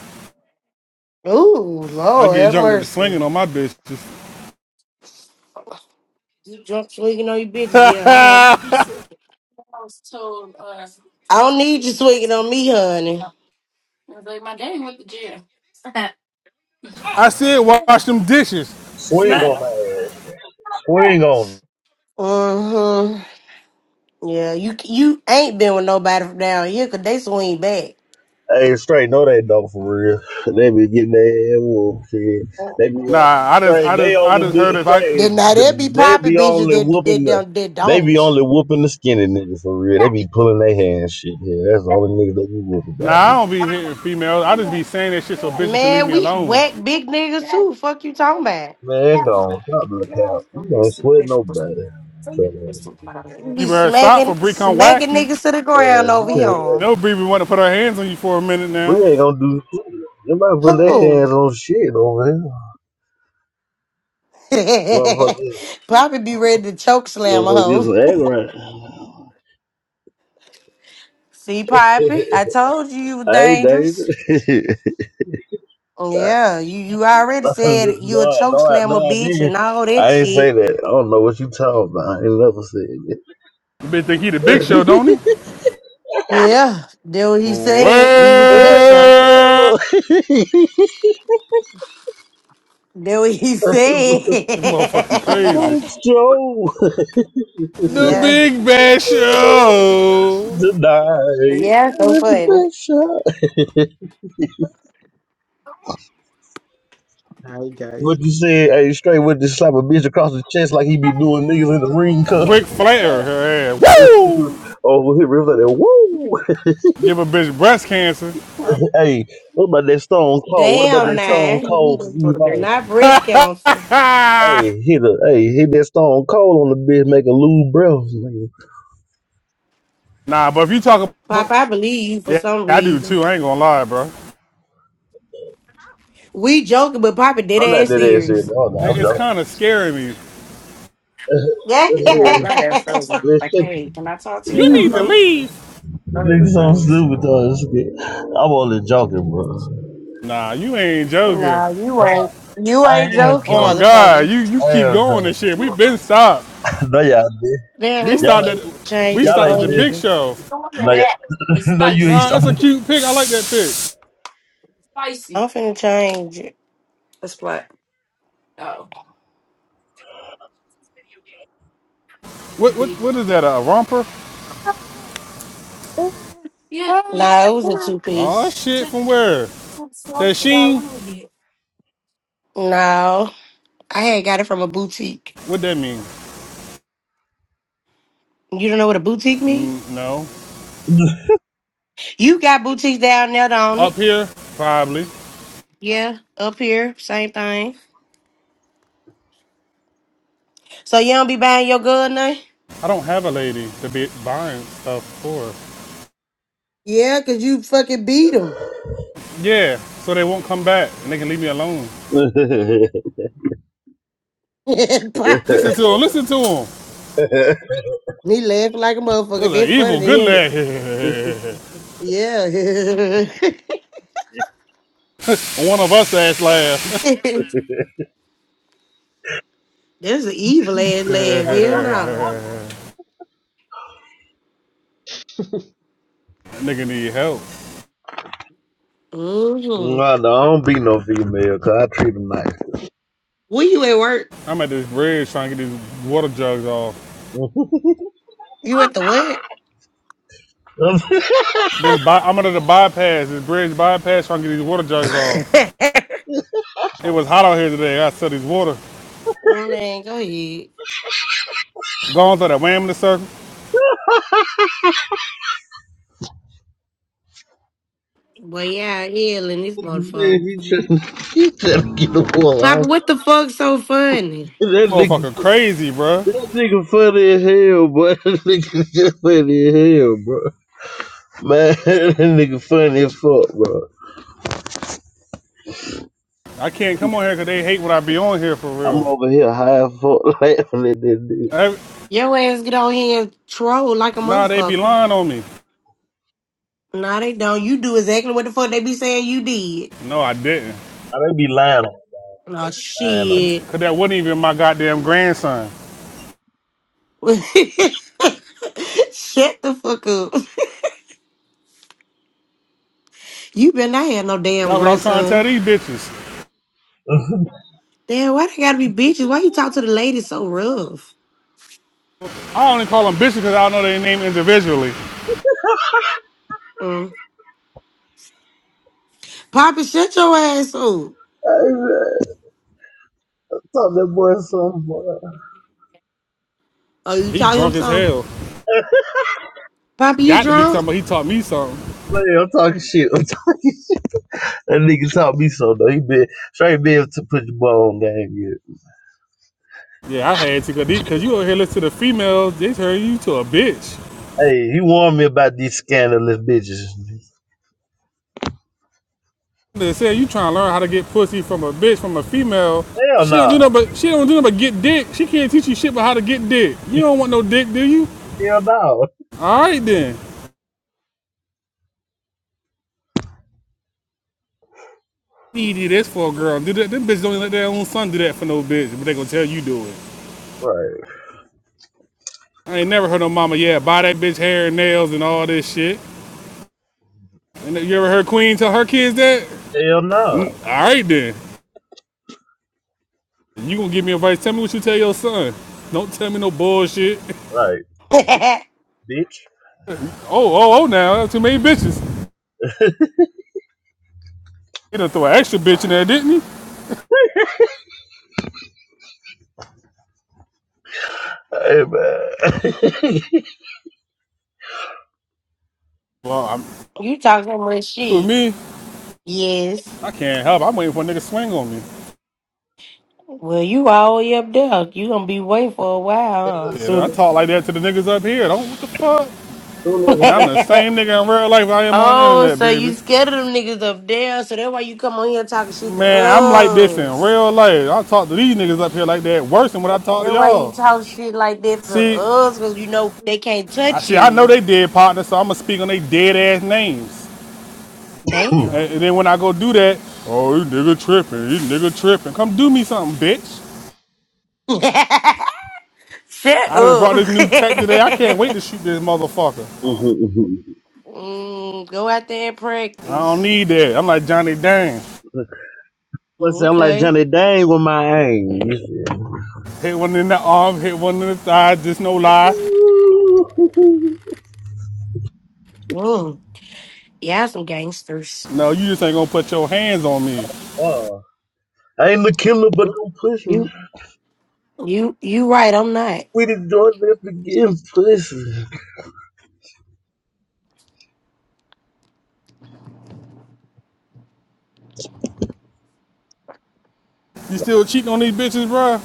Speaker 5: Ooh,
Speaker 4: I
Speaker 5: Lord
Speaker 4: get
Speaker 5: have
Speaker 4: drunk at the
Speaker 5: mercy.
Speaker 4: swinging on my bitches.
Speaker 5: You drunk swinging on your bitches. Yeah, I know. I don't need you swinging on me, honey.
Speaker 4: I said wash them dishes.
Speaker 2: Swing
Speaker 4: Smack.
Speaker 2: on that ass. Swing on.
Speaker 5: Mm-hmm. Yeah, you you ain't been with nobody from down here 'cause they swing back.
Speaker 2: Hey, straight, no, they don't for real. They be getting their ass whooped. Shit. They be
Speaker 4: Nah,
Speaker 2: uh,
Speaker 4: I just,
Speaker 2: straight.
Speaker 4: I
Speaker 2: They
Speaker 4: just, I
Speaker 2: only
Speaker 4: just heard
Speaker 5: Mm.
Speaker 2: be
Speaker 4: if I,
Speaker 2: straight.
Speaker 5: Then now there be
Speaker 2: They
Speaker 5: popping
Speaker 2: be
Speaker 5: bitches
Speaker 2: only
Speaker 5: that
Speaker 2: whooping
Speaker 5: that
Speaker 2: the.
Speaker 5: don't that
Speaker 2: They be
Speaker 5: don't.
Speaker 2: only whooping the skinny niggas for real. They be pulling their hands shit. Yeah, that's the only niggas they be whooping
Speaker 4: Nah,
Speaker 2: down
Speaker 4: I don't be hitting females. I just be saying that shit so bitches can leave
Speaker 5: Man,
Speaker 4: me
Speaker 5: we
Speaker 4: alone.
Speaker 5: whack big niggas too. Fuck you talking about?
Speaker 2: there. Man, go on. Stop the account. You ain't sweat nobody. So, uh,
Speaker 5: We
Speaker 4: You
Speaker 5: be
Speaker 4: better stop for
Speaker 5: smacking
Speaker 4: Bree come
Speaker 5: smacking
Speaker 4: whack you.
Speaker 5: niggas to the ground
Speaker 2: Man, you
Speaker 5: over here.
Speaker 2: can't.
Speaker 4: No Bree be want to put her hands on you for a minute now.
Speaker 2: Bree ain't gonna do shit. Nobody putting their
Speaker 5: Who?
Speaker 2: hands on shit over here. Motherfucker,
Speaker 5: Poppy be ready to choke slam a
Speaker 2: motherfucker, get
Speaker 5: hoe.
Speaker 2: some egg right.
Speaker 5: See, Poppy, I told you you was
Speaker 2: I ain't dated.
Speaker 5: dangerous.
Speaker 2: no,
Speaker 5: Yeah, you, you already said you a
Speaker 2: I-
Speaker 5: choke
Speaker 2: no, I,
Speaker 5: slammer
Speaker 2: no, I
Speaker 5: bitch
Speaker 2: didn't.
Speaker 5: and all that
Speaker 2: I ain't say
Speaker 5: shit.
Speaker 2: that. I don't know what you talking about. I ain't never said
Speaker 4: You bitch think he the big show, don't he?
Speaker 2: that.
Speaker 5: Yeah, that what he said. He was the big show.
Speaker 4: Well,
Speaker 5: That what he said.
Speaker 4: this motherfucker crazy.
Speaker 2: It's Joe.
Speaker 4: The
Speaker 5: yeah.
Speaker 4: big bad show.
Speaker 2: Tonight,
Speaker 5: Yeah, so
Speaker 2: it's the
Speaker 5: funny.
Speaker 2: best shot.
Speaker 6: Hi
Speaker 2: What
Speaker 6: guys,
Speaker 2: you said, hey, straight with the slap a bitch across the chest like he be doing niggas in the ring,
Speaker 4: Ric Flair, her ass.
Speaker 2: Mm-hmm.
Speaker 4: Woo!
Speaker 2: Over here, Rivers like Woo!
Speaker 4: Give a bitch breast cancer.
Speaker 2: hey, what about that Stone Cold? What about
Speaker 5: Damn
Speaker 1: I
Speaker 2: that
Speaker 1: take
Speaker 2: Stone
Speaker 5: man.
Speaker 1: two of these
Speaker 2: Cold
Speaker 1: and go to
Speaker 2: Steve
Speaker 1: bed.
Speaker 2: Austin?
Speaker 5: Not breast cancer.
Speaker 4: Ah!
Speaker 2: Hey, hit a, hey, hit that Stone Cold on the bitch, make a lose breath. nigga.
Speaker 4: Nah, but if you talk
Speaker 5: Pop,
Speaker 4: about...
Speaker 5: I believe you for
Speaker 4: Yeah,
Speaker 5: some
Speaker 4: I do
Speaker 5: reason.
Speaker 4: too. I ain't gonna lie, bro.
Speaker 5: We joking, but Papa did
Speaker 2: I'm not
Speaker 5: ass
Speaker 2: that ass shit.
Speaker 5: serious.
Speaker 2: Oh, no, I'm
Speaker 4: It's
Speaker 2: joking.
Speaker 4: kind of scaring me.
Speaker 5: Yeah.
Speaker 1: Yeah, granddad told me, like, hey,
Speaker 2: Listen,
Speaker 1: can I talk to you
Speaker 4: You
Speaker 1: for
Speaker 2: you
Speaker 1: a
Speaker 4: need to
Speaker 2: so,
Speaker 1: moment?
Speaker 4: leave.
Speaker 1: Oh, it
Speaker 2: nigga so
Speaker 1: nice.
Speaker 2: stupid though. this nigga. I'm only joking, bro.
Speaker 4: Nah, you ain't joking.
Speaker 5: nah, you
Speaker 2: Nah,
Speaker 5: ain't. You
Speaker 2: I
Speaker 5: ain't
Speaker 2: am
Speaker 5: joking,
Speaker 4: Oh
Speaker 2: joking.
Speaker 4: God,
Speaker 5: motherfucker.
Speaker 4: you you
Speaker 2: I
Speaker 4: keep
Speaker 2: am
Speaker 4: going and
Speaker 2: joking.
Speaker 4: shit. We been
Speaker 1: Doing
Speaker 4: stopped.
Speaker 2: No, y'all did.
Speaker 5: Damn,
Speaker 4: We
Speaker 5: let me
Speaker 2: Y'all
Speaker 4: stopped at
Speaker 2: like,
Speaker 5: change
Speaker 4: we
Speaker 5: this
Speaker 2: y'all
Speaker 4: stopped
Speaker 2: like
Speaker 4: at the
Speaker 5: old.
Speaker 2: this.
Speaker 4: big show.
Speaker 2: No, you
Speaker 1: that. It's
Speaker 2: no, you ain't
Speaker 1: spicy.
Speaker 4: Nah, it's a
Speaker 2: stopping.
Speaker 4: cute pic. I like that pic.
Speaker 1: Spicy.
Speaker 5: I'm finna change it.
Speaker 1: Oh,
Speaker 4: What what what
Speaker 1: baby.
Speaker 4: is that? A romper?
Speaker 1: Yeah, we
Speaker 5: Nah, it was a two
Speaker 4: Oh
Speaker 5: piece.
Speaker 4: shit,
Speaker 1: took
Speaker 4: from where?
Speaker 1: some stuff
Speaker 4: That
Speaker 1: about
Speaker 4: sheen?
Speaker 1: when we get.
Speaker 5: No, I had got it from a boutique.
Speaker 4: What that mean?
Speaker 5: You don't know what a boutique mean?
Speaker 4: Mm, no.
Speaker 5: You got boutiques down there, don't
Speaker 4: Up
Speaker 5: it?
Speaker 4: here? Probably.
Speaker 5: Yeah, up here, same thing. So you don't be buying your good now?
Speaker 4: I don't have a lady to be buying stuff for.
Speaker 5: Yeah, cause you fucking beat him.
Speaker 4: Yeah, so they won't come back and they can leave me alone.
Speaker 5: Poppy.
Speaker 4: Listen to him, listen to him.
Speaker 2: no,
Speaker 5: he laughing like a
Speaker 4: This
Speaker 5: motherfucker.
Speaker 4: is an
Speaker 5: That funny
Speaker 4: evil
Speaker 5: to
Speaker 4: good
Speaker 5: him.
Speaker 4: lad.
Speaker 5: Yeah.
Speaker 4: One of us ass laugh.
Speaker 5: That's an evil ass laugh. Hell no.
Speaker 4: Nigga need help.
Speaker 2: no,
Speaker 5: Mm-hmm.
Speaker 2: I don't be no female 'cause I treat them nice.
Speaker 5: Where you at work?
Speaker 4: I'm at this bridge trying to get these water jugs off.
Speaker 2: I'm
Speaker 5: You at the what?
Speaker 2: saying
Speaker 4: This by, I'm under the bypass, this bridge bypass trying to get these water jugs off. It was hot out here today. I said these water.
Speaker 5: Oh man, go ahead.
Speaker 4: Going through that wham in the circle.
Speaker 5: But yeah, healing this motherfucker.
Speaker 2: he trying, he trying to get a wall
Speaker 5: Papa,
Speaker 2: off.
Speaker 5: what the fuck so funny?
Speaker 2: That nigga,
Speaker 4: Motherfucker crazy, bruh.
Speaker 2: that nigga funny as hell, bro. That nigga just funny as hell, bro. Man, that nigga funny as fuck, bro.
Speaker 4: I can't come on here 'cause they hate what I be on here for
Speaker 2: I'm
Speaker 4: real.
Speaker 2: over here high as fuck laughing at that nigga.
Speaker 4: Every,
Speaker 5: Your ass get on here and troll like a
Speaker 4: nah, they be
Speaker 5: motherfucker.
Speaker 4: lying on me.
Speaker 5: Nah, they don't. You do exactly what the fuck they be saying you did.
Speaker 4: No, I didn't.
Speaker 2: I they be lying on,
Speaker 5: Nah,
Speaker 2: lying
Speaker 4: 'Cause
Speaker 2: on.
Speaker 5: shit.
Speaker 4: cause that wasn't even my goddamn grandson.
Speaker 5: Shut the fuck up. You better not have no damn
Speaker 4: That's what I'm trying to tell
Speaker 5: grandson.
Speaker 4: these bitches.
Speaker 5: Damn, why they gotta be bitches? Why you talk to the ladies so rough?
Speaker 4: I only call them bitches 'cause I know their name individually.
Speaker 5: Mm. Poppy, shut your ass up.
Speaker 2: Hey, man, Talk that boy some boy.
Speaker 5: Oh, you
Speaker 4: He
Speaker 5: taught him
Speaker 4: drunk as
Speaker 5: something?
Speaker 4: hell.
Speaker 5: Poppy, you
Speaker 4: got to be talking
Speaker 5: drunk?
Speaker 4: about he taught me something.
Speaker 2: Man, I'm talking shit. That nigga taught me so though. He been straight be able to put your ball on game. Yeah.
Speaker 4: Yeah, I had to, because you over here listen to the females, they turn you to a bitch.
Speaker 2: Hey, he warned me about these scandalous bitches.
Speaker 4: They said you trying to learn how to get pussy from a bitch, from a female.
Speaker 2: Hell
Speaker 4: She don't
Speaker 2: no.
Speaker 4: do nothing but, she don't do nothing but get dick. She can't teach you shit about how to get dick. You don't want no dick, do you?
Speaker 2: Hell no.
Speaker 4: All right then. You do this for a girl. Do that. Them bitches don't even let their own son do that for no bitch, but they gonna tell you do it.
Speaker 2: Right.
Speaker 4: I ain't never heard no mama, yeah, buy that bitch hair and nails and all this shit. And you ever heard Queen tell her kids that?
Speaker 2: Hell
Speaker 4: Mm,
Speaker 2: no.
Speaker 4: all right then. You gonna give me advice? Tell me what you tell your son. Don't tell me no bullshit.
Speaker 2: Right, bitch.
Speaker 4: Oh, oh, oh! Now that's too many bitches. He done throw an extra bitch in there, didn't he?
Speaker 2: Hey man.
Speaker 4: Well, I'm
Speaker 5: You talk so much
Speaker 4: with
Speaker 5: shit.
Speaker 4: me.
Speaker 5: Yes.
Speaker 4: I can't help. it. I'm waiting for a nigga swing on me.
Speaker 5: Well, you all the way up there. You gonna be waiting for a while,
Speaker 4: Shit, I
Speaker 2: soon,
Speaker 4: talk like that to the niggas up here. Don't what the fuck?
Speaker 2: soon as
Speaker 4: Man, I'm the
Speaker 2: a
Speaker 5: huh?
Speaker 4: same nigga in real life I am on the
Speaker 5: oh,
Speaker 4: internet,
Speaker 5: so you
Speaker 4: baby.
Speaker 5: scared of them niggas up there, so that's why you come on here talking shit to
Speaker 4: Man, I'm like this in
Speaker 5: us.
Speaker 4: real life. I talk to these niggas up here like that worse than what I talk to
Speaker 5: That's why you
Speaker 4: y'all.
Speaker 5: talk shit like that to
Speaker 4: See,
Speaker 5: us, cause you know they can't
Speaker 4: I
Speaker 5: touch
Speaker 4: see. I know
Speaker 5: you.
Speaker 4: they dead partners, so I'ma speak on they dead ass names.
Speaker 2: nigga.
Speaker 4: And,
Speaker 5: Damn.
Speaker 4: and then when I go do that, oh, you nigga tripping, you nigga tripping. Come do me something, bitch.
Speaker 5: Shut
Speaker 4: I just brought
Speaker 5: up.
Speaker 4: this new tech today. I can't wait to shoot this motherfucker.
Speaker 2: Mhm.
Speaker 5: mm, go out there and
Speaker 4: I don't
Speaker 5: practice.
Speaker 4: need that. I'm like Johnny Dang.
Speaker 2: What's that? I'm like
Speaker 5: Okay.
Speaker 2: Johnny Dang with my aim. You feel
Speaker 4: Hit one in the arm, hit one in the thigh, just no lie.
Speaker 2: me?
Speaker 5: Mm. Yeah, some gangsters.
Speaker 4: No, you just ain't gonna put your hands on me.
Speaker 2: Oh, I ain't the killer, but I'm pushing.
Speaker 5: You you right, I'm not.
Speaker 2: Sweetie George, let's begin pushing.
Speaker 4: You still cheating on these bitches, bro?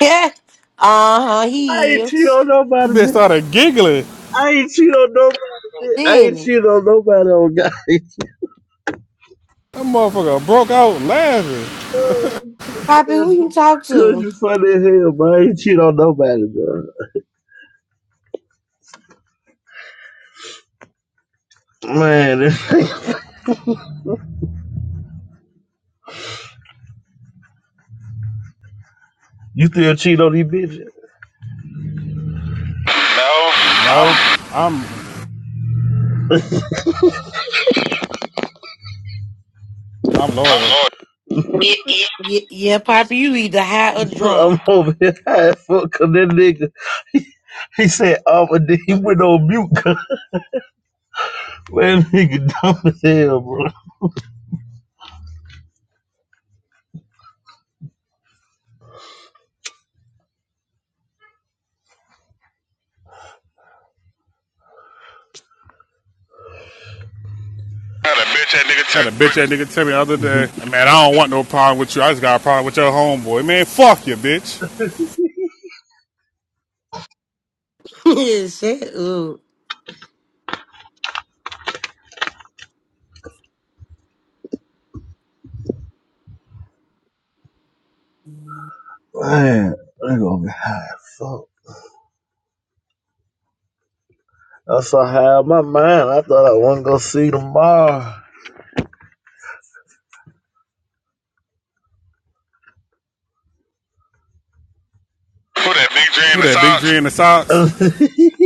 Speaker 5: Yeah. Uh-huh,
Speaker 2: I
Speaker 5: he
Speaker 2: ain't cheat
Speaker 5: is.
Speaker 2: on
Speaker 4: The
Speaker 2: nobody,
Speaker 4: bitch
Speaker 2: bitch.
Speaker 4: started giggling.
Speaker 2: I ain't cheat on nobody. I
Speaker 5: Then
Speaker 2: ain't
Speaker 5: it.
Speaker 2: cheat on nobody on God.
Speaker 4: That motherfucker broke out laughing.
Speaker 5: Poppy, who you talk
Speaker 2: Cause
Speaker 5: to?
Speaker 2: you funny as hell, man. I ain't cheat on nobody, bro. Man, you still cheat on these bitches? No,
Speaker 4: No,
Speaker 2: I'm
Speaker 4: I'm loyal.
Speaker 2: I'm Lord.
Speaker 5: Yeah, yeah, Poppy, you either high or drunk.
Speaker 2: I'm over here high as fuck, cause that nigga, he said, oh, but then he went on mute, cause man, nigga dumb as hell, bro. Not a bitch that nigga
Speaker 4: I had a bitch
Speaker 2: turned.
Speaker 4: that nigga tell me the other day, man, I don't want no problem with you. I just got a problem with your homeboy. Man, fuck you, bitch.
Speaker 5: Yeah, Shut up.
Speaker 2: Man, nigga over here high as fuck. That's how I had in my mind. I thought I wasn't gonna see tomorrow. Who that big J
Speaker 4: Who that big drill in
Speaker 2: in
Speaker 4: the socks?
Speaker 2: the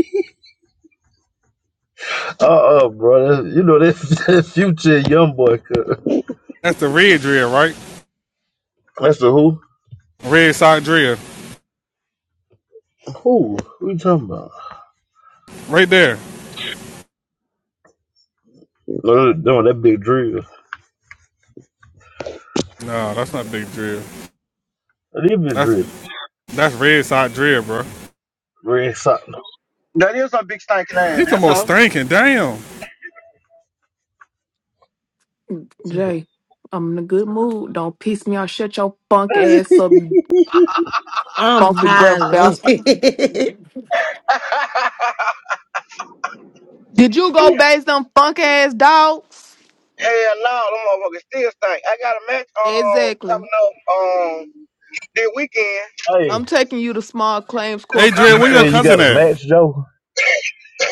Speaker 2: socks? uh uh brother. You know that, that future young boy.
Speaker 4: That's the red drill, right?
Speaker 2: That's the who?
Speaker 4: Red sock drill,
Speaker 2: Who? Who you talking about?
Speaker 4: right there.
Speaker 2: No, that no, that big drill.
Speaker 4: No, that's not big drill.
Speaker 2: That is big
Speaker 4: That's
Speaker 2: drill.
Speaker 4: that's red sock drill, bro.
Speaker 2: Red sock.
Speaker 3: That is a big stinking ass.
Speaker 4: He talking
Speaker 3: That's
Speaker 4: about
Speaker 3: all.
Speaker 4: stinking. Damn.
Speaker 7: Jay, I'm in a good mood. Don't piss me off. Shut your funk ass
Speaker 2: hey,
Speaker 7: up, you
Speaker 5: I'm
Speaker 7: funky breath
Speaker 5: hollering.
Speaker 7: bastard.
Speaker 5: Good
Speaker 7: Did you go base them funk ass dogs?
Speaker 3: Hell no, them motherfuckers still stink. I got a match um
Speaker 7: Exactly.
Speaker 3: coming up um this weekend.
Speaker 7: I'm taking you to small claims court
Speaker 4: Hey,
Speaker 7: for
Speaker 2: Cousin you
Speaker 4: drill,
Speaker 2: that.
Speaker 4: where your
Speaker 2: say
Speaker 7: for
Speaker 2: you
Speaker 4: cousin
Speaker 2: got a
Speaker 4: at?
Speaker 2: match, Joe?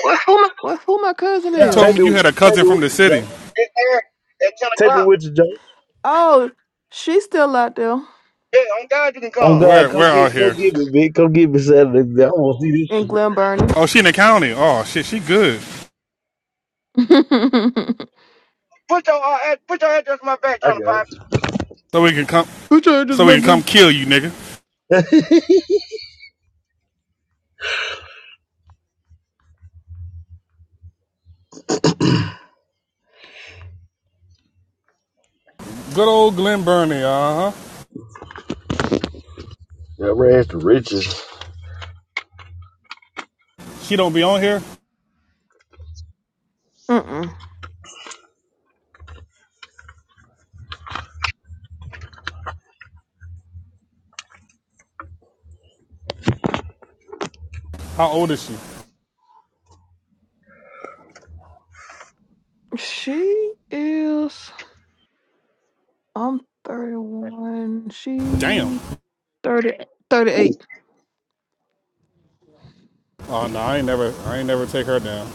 Speaker 2: What? Who the-
Speaker 7: what? Who my cousin
Speaker 4: You
Speaker 3: Yeah,
Speaker 4: told
Speaker 2: Take
Speaker 4: me
Speaker 7: is?
Speaker 2: me,
Speaker 4: you had a
Speaker 2: take
Speaker 4: cousin
Speaker 2: me
Speaker 4: from
Speaker 2: with
Speaker 4: the
Speaker 2: you,
Speaker 4: city.
Speaker 2: Joe.
Speaker 3: it's there at ten
Speaker 2: Take me
Speaker 3: o'clock.
Speaker 2: with you, Joe.
Speaker 7: Oh, she's still out there
Speaker 3: Yeah, on God you can
Speaker 2: On
Speaker 3: come.
Speaker 2: God,
Speaker 4: Where
Speaker 2: come
Speaker 4: where
Speaker 2: get,
Speaker 4: out
Speaker 2: come
Speaker 4: here?
Speaker 2: get me, big. Come get me Saturday. Man. I want to see
Speaker 7: in
Speaker 2: this shit.
Speaker 7: Glen Burnie.
Speaker 4: Oh, she in the county. Oh shit, she good.
Speaker 7: Who
Speaker 3: Put your uh, ad- put your address in my back,
Speaker 2: I
Speaker 3: trying to
Speaker 2: got
Speaker 3: pop.
Speaker 4: So we can come.
Speaker 7: changes
Speaker 4: So we
Speaker 7: my
Speaker 4: can come
Speaker 7: big?
Speaker 4: kill you, nigga.
Speaker 2: it.
Speaker 4: Good old Glen Burnie, uh huh.
Speaker 2: That rags to riches.
Speaker 4: She don't be on here.
Speaker 7: Mm-mm.
Speaker 4: How old is she?
Speaker 7: She is. I'm 31.
Speaker 4: Damn.
Speaker 7: She 30 38.
Speaker 4: Oh no, I ain't never, I ain't never take her down.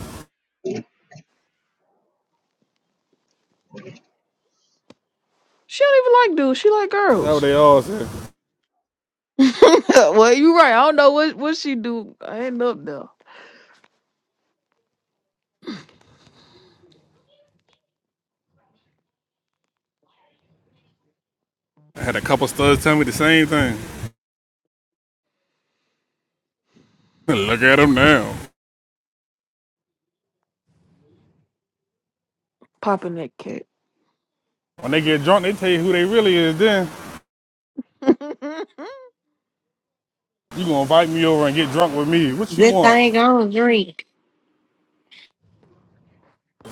Speaker 7: She don't even like dudes. She like
Speaker 4: That's what
Speaker 7: girls.
Speaker 4: they all said.
Speaker 7: well, you right. I don't know what what she do. I end up there
Speaker 4: I had a couple studs tell me the same thing. Look at them now.
Speaker 7: popping that cat.
Speaker 4: When they get drunk, they tell you who they really is. Then you gonna invite me over and get drunk with me. What you
Speaker 5: thing
Speaker 4: want?
Speaker 5: I don't drink.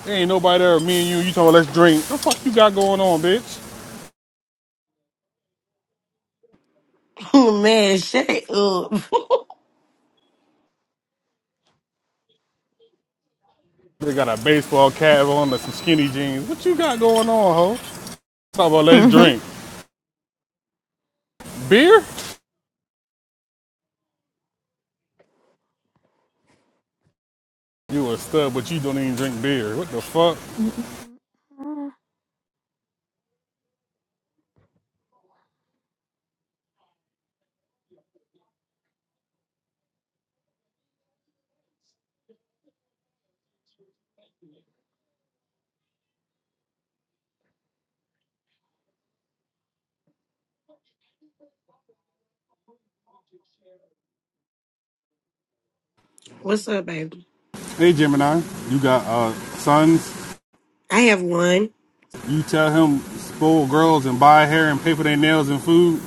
Speaker 4: There ain't nobody there. Me and you. You talking? Let's drink. What The fuck you got going on, bitch?
Speaker 5: Man, shut up.
Speaker 4: They got a baseball cap on and some skinny jeans. What you got going on, ho? Talk about let's drink beer. You a stud, but you don't even drink beer. What the fuck?
Speaker 7: Mhm.
Speaker 5: What's up, baby?
Speaker 4: Hey Gemini, you got uh, sons.
Speaker 5: I have one.
Speaker 4: You tell him spoil girls and buy hair and pay for their nails and food.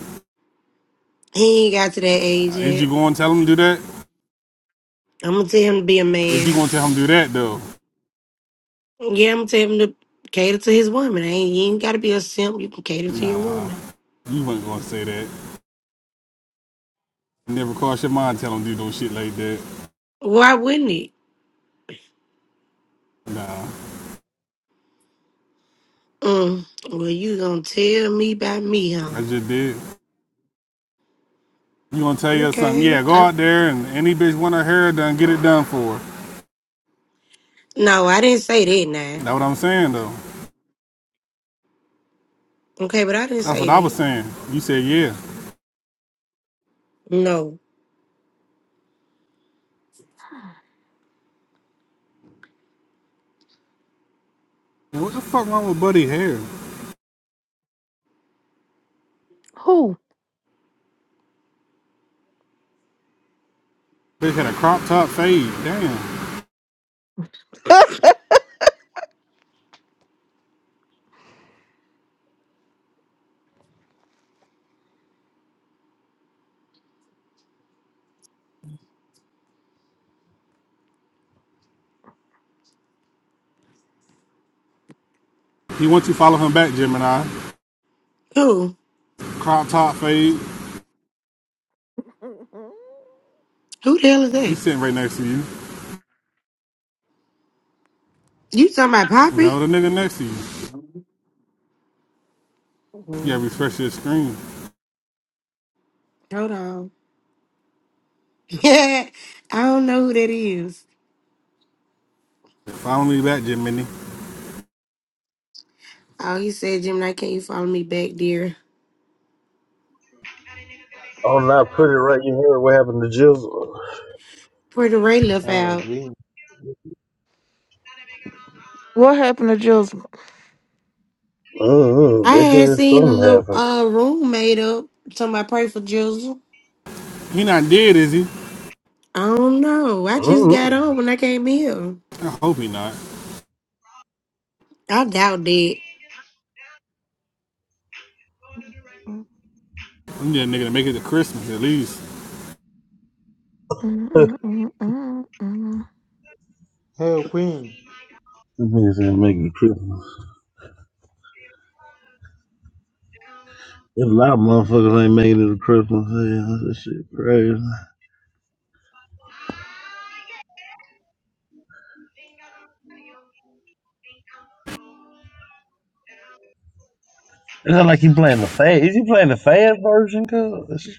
Speaker 5: He ain't got to that age
Speaker 4: Is you
Speaker 5: yet.
Speaker 4: going to tell them to do that?
Speaker 5: I'm gonna tell him to be a
Speaker 4: If you
Speaker 5: man.
Speaker 4: gonna tell him to do that though,
Speaker 5: Yeah, I'm gonna tell him to cater to his woman. I ain't, you ain't gotta be a simp. You can cater to your woman.
Speaker 4: you weren't gonna say that. Never cross your mind tell him to do no shit like that.
Speaker 5: Why wouldn't he?
Speaker 4: Nah,
Speaker 5: Mm, well, you gonna tell me about me, huh?
Speaker 4: I just did. You gonna tell you something?
Speaker 5: Okay.
Speaker 4: Yeah, go
Speaker 5: I-
Speaker 4: out there and any bitch want her hair done, get it done for her.
Speaker 5: no, I didn't say that, now.
Speaker 4: That's what I'm saying though.
Speaker 5: Okay, but I didn't
Speaker 4: That's what
Speaker 5: say
Speaker 4: I was
Speaker 5: that.
Speaker 4: saying. You said yeah.
Speaker 5: No.
Speaker 4: And what the fuck wrong with Buddy hair?
Speaker 7: Who?
Speaker 4: Bitch had a crop top fade. Damn. He wants you to follow him back, Gemini.
Speaker 5: Who?
Speaker 4: Crop top fade.
Speaker 5: Who the hell is
Speaker 4: He's
Speaker 5: that?
Speaker 4: sitting right next to you.
Speaker 5: You talking about
Speaker 4: You
Speaker 5: Poppy?
Speaker 4: Know the nigga next to you. You gotta
Speaker 5: Mm,
Speaker 4: refresh your screen.
Speaker 5: hold on. Yeah, I don't know who that is.
Speaker 4: Follow me back, Gemini.
Speaker 5: Oh, he said, Jim, Knight, can you follow me back, dear?
Speaker 2: Oh, not pretty right. You heard what happened to Jizzle.
Speaker 5: Where the Ray left
Speaker 6: y'all
Speaker 5: out.
Speaker 6: agreeing.
Speaker 7: What happened to Joseph?
Speaker 2: Mm-hmm.
Speaker 5: I
Speaker 2: They
Speaker 5: had
Speaker 2: said
Speaker 5: seen a little
Speaker 2: something happened.
Speaker 5: uh room made up. Somebody pray for Jizzle.
Speaker 4: He not dead, is he?
Speaker 5: I don't know. I just got
Speaker 2: Mm-hmm.
Speaker 5: on when I came here.
Speaker 4: I hope he not.
Speaker 5: I doubt that.
Speaker 4: I'm just nigga to make it to Christmas at least.
Speaker 6: Hey Queen,
Speaker 2: This nigga said making it to Christmas. There's a lot of motherfuckers ain't making it to Christmas. Yeah, that shit crazy. It's not like he playing the fad. Is he playing the fad version, cuz?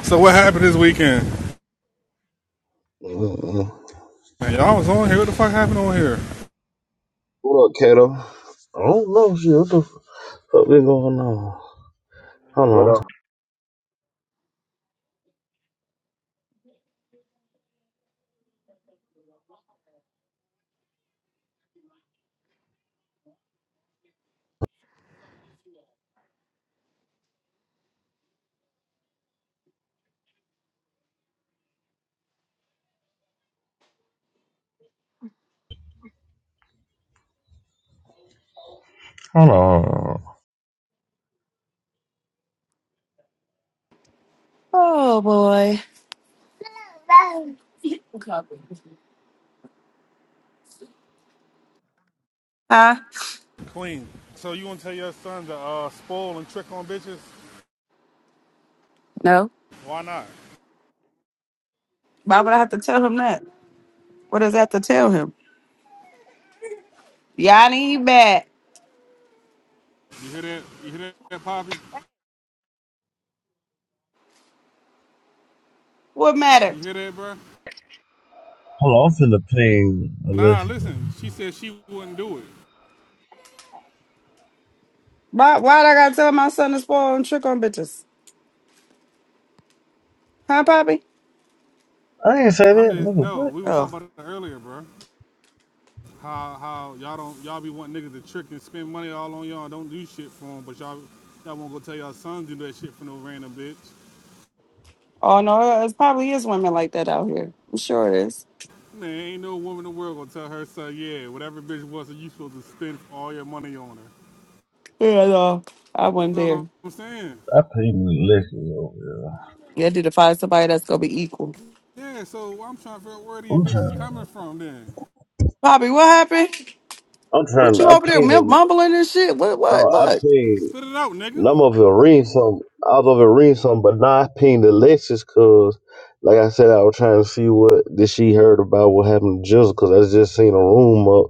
Speaker 4: So what happened this weekend?
Speaker 2: Mm-hmm.
Speaker 4: Man, y'all was on here. What the fuck happened on here?
Speaker 2: What up, Kato? I don't know, shit. What the fuck been going on? Hold
Speaker 8: What
Speaker 2: on.
Speaker 8: up?
Speaker 2: Hold on.
Speaker 1: Oh boy. Huh?
Speaker 4: Queen. So you want to tell your son to uh, spoil and trick on bitches?
Speaker 1: No.
Speaker 4: Why not?
Speaker 1: Why would I have to tell him that? What does that have to tell him? Y'all ain't bad.
Speaker 4: You hear that? You hear that, Poppy?
Speaker 1: What matter?
Speaker 4: You hear that, bro?
Speaker 2: Hold on, I'm finna ping
Speaker 4: Nah,
Speaker 2: Alexis.
Speaker 4: listen. She said she wouldn't do it.
Speaker 1: Why why'd I gotta tell my son to spoil and trick on bitches? Huh, Poppy?
Speaker 2: I ain't say
Speaker 4: I'm
Speaker 2: that,
Speaker 4: just
Speaker 2: nigga.
Speaker 4: no.
Speaker 2: What?
Speaker 4: We were
Speaker 1: Oh.
Speaker 4: talking about it earlier, bro. How how y'all don't y'all be wanting niggas to trick and spend money all on y'all and don't do shit for them, but y'all y'all won't go tell y'all sons do that shit for no random bitch.
Speaker 1: Oh no, it probably is women like that out here. I'm sure it is.
Speaker 4: Man, ain't no woman in the world gonna tell her son, yeah, whatever bitch was that you supposed to spend all your money on her.
Speaker 1: Yeah, no, I wasn't
Speaker 4: You know
Speaker 1: there.
Speaker 4: what I'm saying?
Speaker 2: I pinged Alexis over here.
Speaker 1: You had to find somebody that's gonna be equal.
Speaker 4: Yeah, so I'm trying to figure out where these
Speaker 2: I'm
Speaker 4: bitches
Speaker 2: trying.
Speaker 4: coming from then.
Speaker 1: Bobby, what happened?
Speaker 2: I'm
Speaker 1: What
Speaker 2: trying.
Speaker 1: you
Speaker 2: I
Speaker 1: over there mum-
Speaker 2: pinged.
Speaker 1: mumbling and shit? What,
Speaker 2: No,
Speaker 1: what,
Speaker 2: I
Speaker 1: what?
Speaker 2: pinged.
Speaker 4: Spit it out, nigga.
Speaker 2: and I'm over here reading some. I was over here reading some, but now I pinged Alexis because, like I said, I was trying to see what did she heard about what happened to Jizzle because I just seen a room up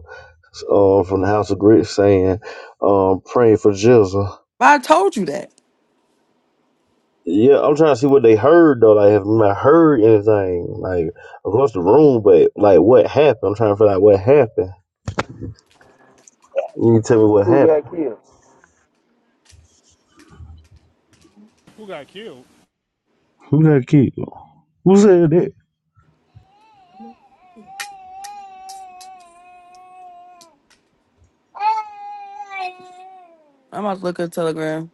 Speaker 2: um, from the House of Grit saying, um, praying for Jizzle.
Speaker 1: I told you that.
Speaker 2: Yeah, I'm trying to see what they heard though. Like, have I heard anything like across the room? But like, what happened? I'm trying to figure out what happened. You need to tell me what
Speaker 8: Who
Speaker 2: happened.
Speaker 8: got killed?
Speaker 4: Who got killed?
Speaker 2: Who that kid? Who said that?
Speaker 1: I'm about to look at Telegram.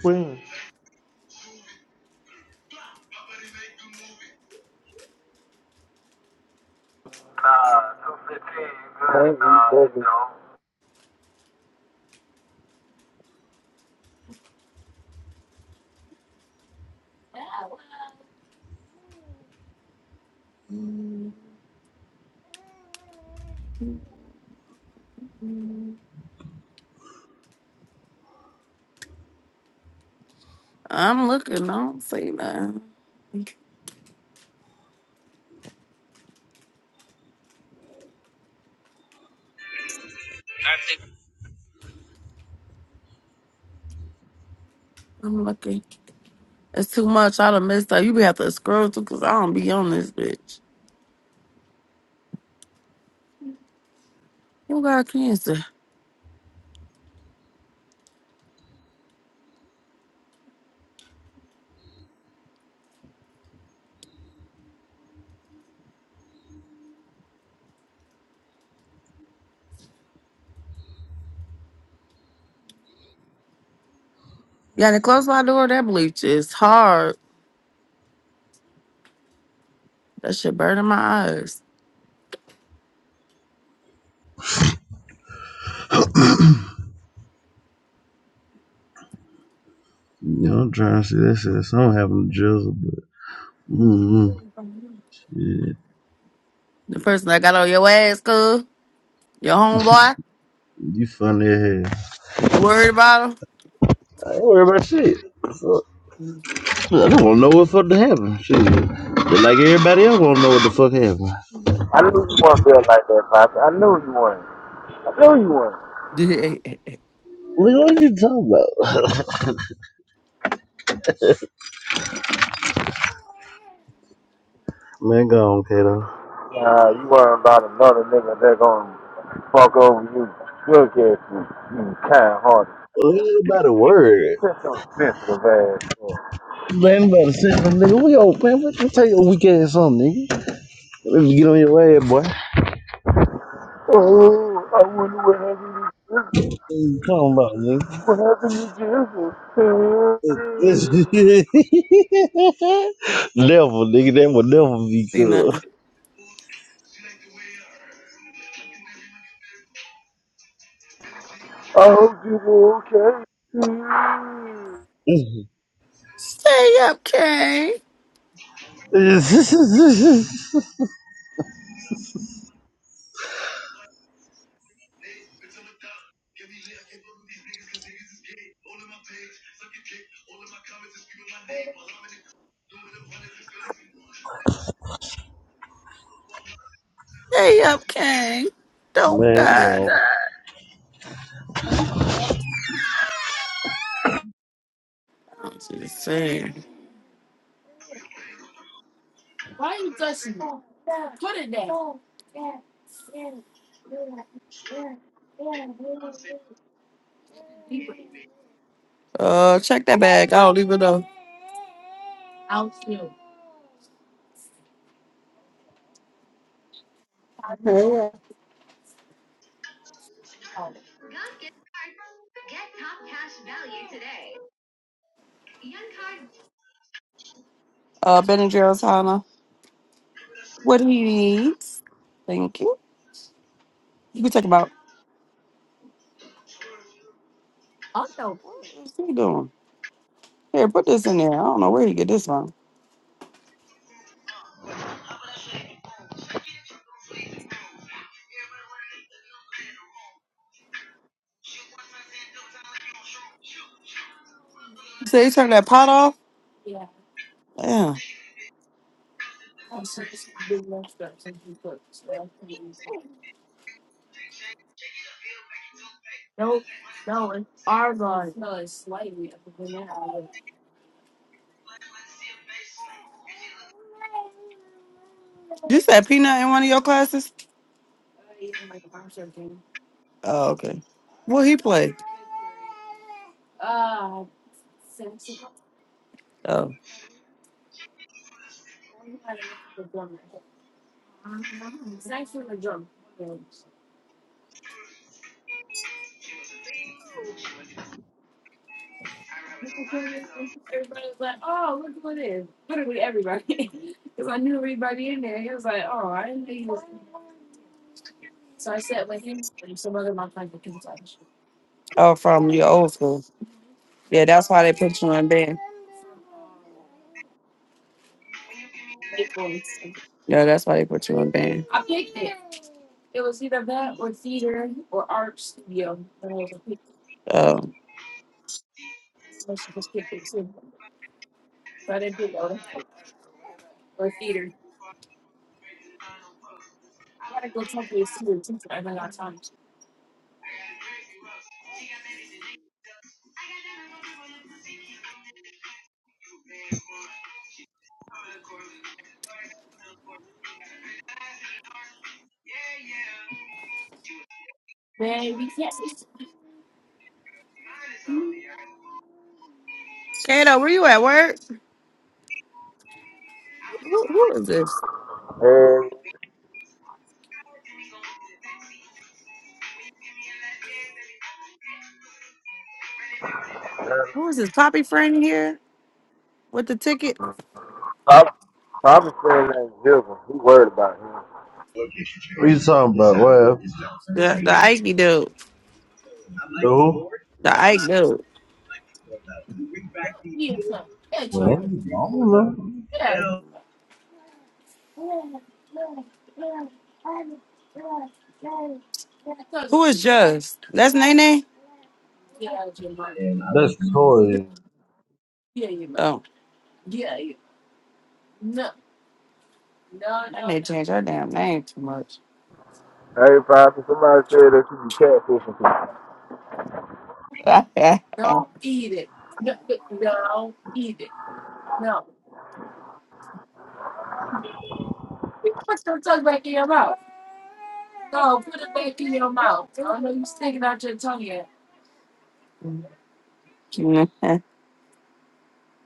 Speaker 6: Queen.
Speaker 8: Thank you, thank you.
Speaker 1: I'm looking. I don't see nothing. I'm looking. It's too much. I done missed out. You be have to scroll through because I don't be on this bitch. You got cancer. Yeah, to close my door, that bleach is hard. That shit burning my eyes.
Speaker 2: You know, I'm trying to see that shit. So I don't have no jizzle, but mm-hmm. shit,
Speaker 1: The person that got on your ass, cool. Your homeboy.
Speaker 2: you funny as hell.
Speaker 1: You worried about
Speaker 2: I ain't worried about shit. Fuck. I don't want to know what fuck to happen. Shit, but like everybody else, want to know what the fuck happened.
Speaker 8: I knew
Speaker 1: him?
Speaker 8: you weren't built like that, Poppy. I knew you weren't. I knew you weren't.
Speaker 1: See
Speaker 2: Nigga, what you talking about? man, go on, Kato.
Speaker 8: Nah, you weren't about another nigga that gonna fuck over you. Look at you, you kind hearted.
Speaker 2: Ain't nobody worried.
Speaker 8: Just so sensitive ass.
Speaker 2: Man, About nobody sitting there, nigga. We all, man, what you tell your weak ass on, nigga? Let me get on your ass, boy. What
Speaker 8: Oh, I wonder what happened to Jesus.
Speaker 2: you talking about, nigga?
Speaker 8: What happened to Jesus?
Speaker 2: never, nigga. That would never be good.
Speaker 1: nothing.
Speaker 8: I hope you were okay.
Speaker 2: Mhm.
Speaker 1: Stay up, King. Stay up, King. Don't
Speaker 2: Man, you
Speaker 1: die.
Speaker 2: know.
Speaker 1: I'm just saying. Why are you touching me? Put it down. Uh, check that bag. I don't even know. Out.
Speaker 9: Hey,
Speaker 1: Uh, Ben and Jerry's, Hannah. what he needs. Thank you. You can talk about what is he doing? Here, put this in there. I don't know where he get this from. So he turn that pot off? Yeah. You said peanut in one of your classes? Oh, okay. What he play? Oh. Everybody was like, "Oh, look who it is!" Literally everybody, because I knew everybody in there. He was like, "Oh, I didn't know you was." So I sat with him and some other of my friends because I was Oh, from your old school. Yeah, that's why they put you in band. equals. Yeah, that's why they put you in band. I picked it. It was either that or theater or art studio. And I was like, "Pick Oh, I should just pick it too. But theater. I gotta go talk to the student teacher. I haven't got time. Man, we can't. Kato, where you at work? Who, who is this?
Speaker 8: And uh,
Speaker 1: What was his poppy friend here with the ticket?
Speaker 8: Pop- Papa said that Jesus. He worried about him.
Speaker 2: What you talking about? Well,
Speaker 1: The the Ike dude.
Speaker 2: who?
Speaker 1: The Ike dude.
Speaker 2: Man, I don't know.
Speaker 1: Who is Just? That's Nene?
Speaker 2: That's toy.
Speaker 1: Oh. I need to change her damn name too much.
Speaker 8: Hey, Poppy, somebody said that you be catfishing people.
Speaker 1: I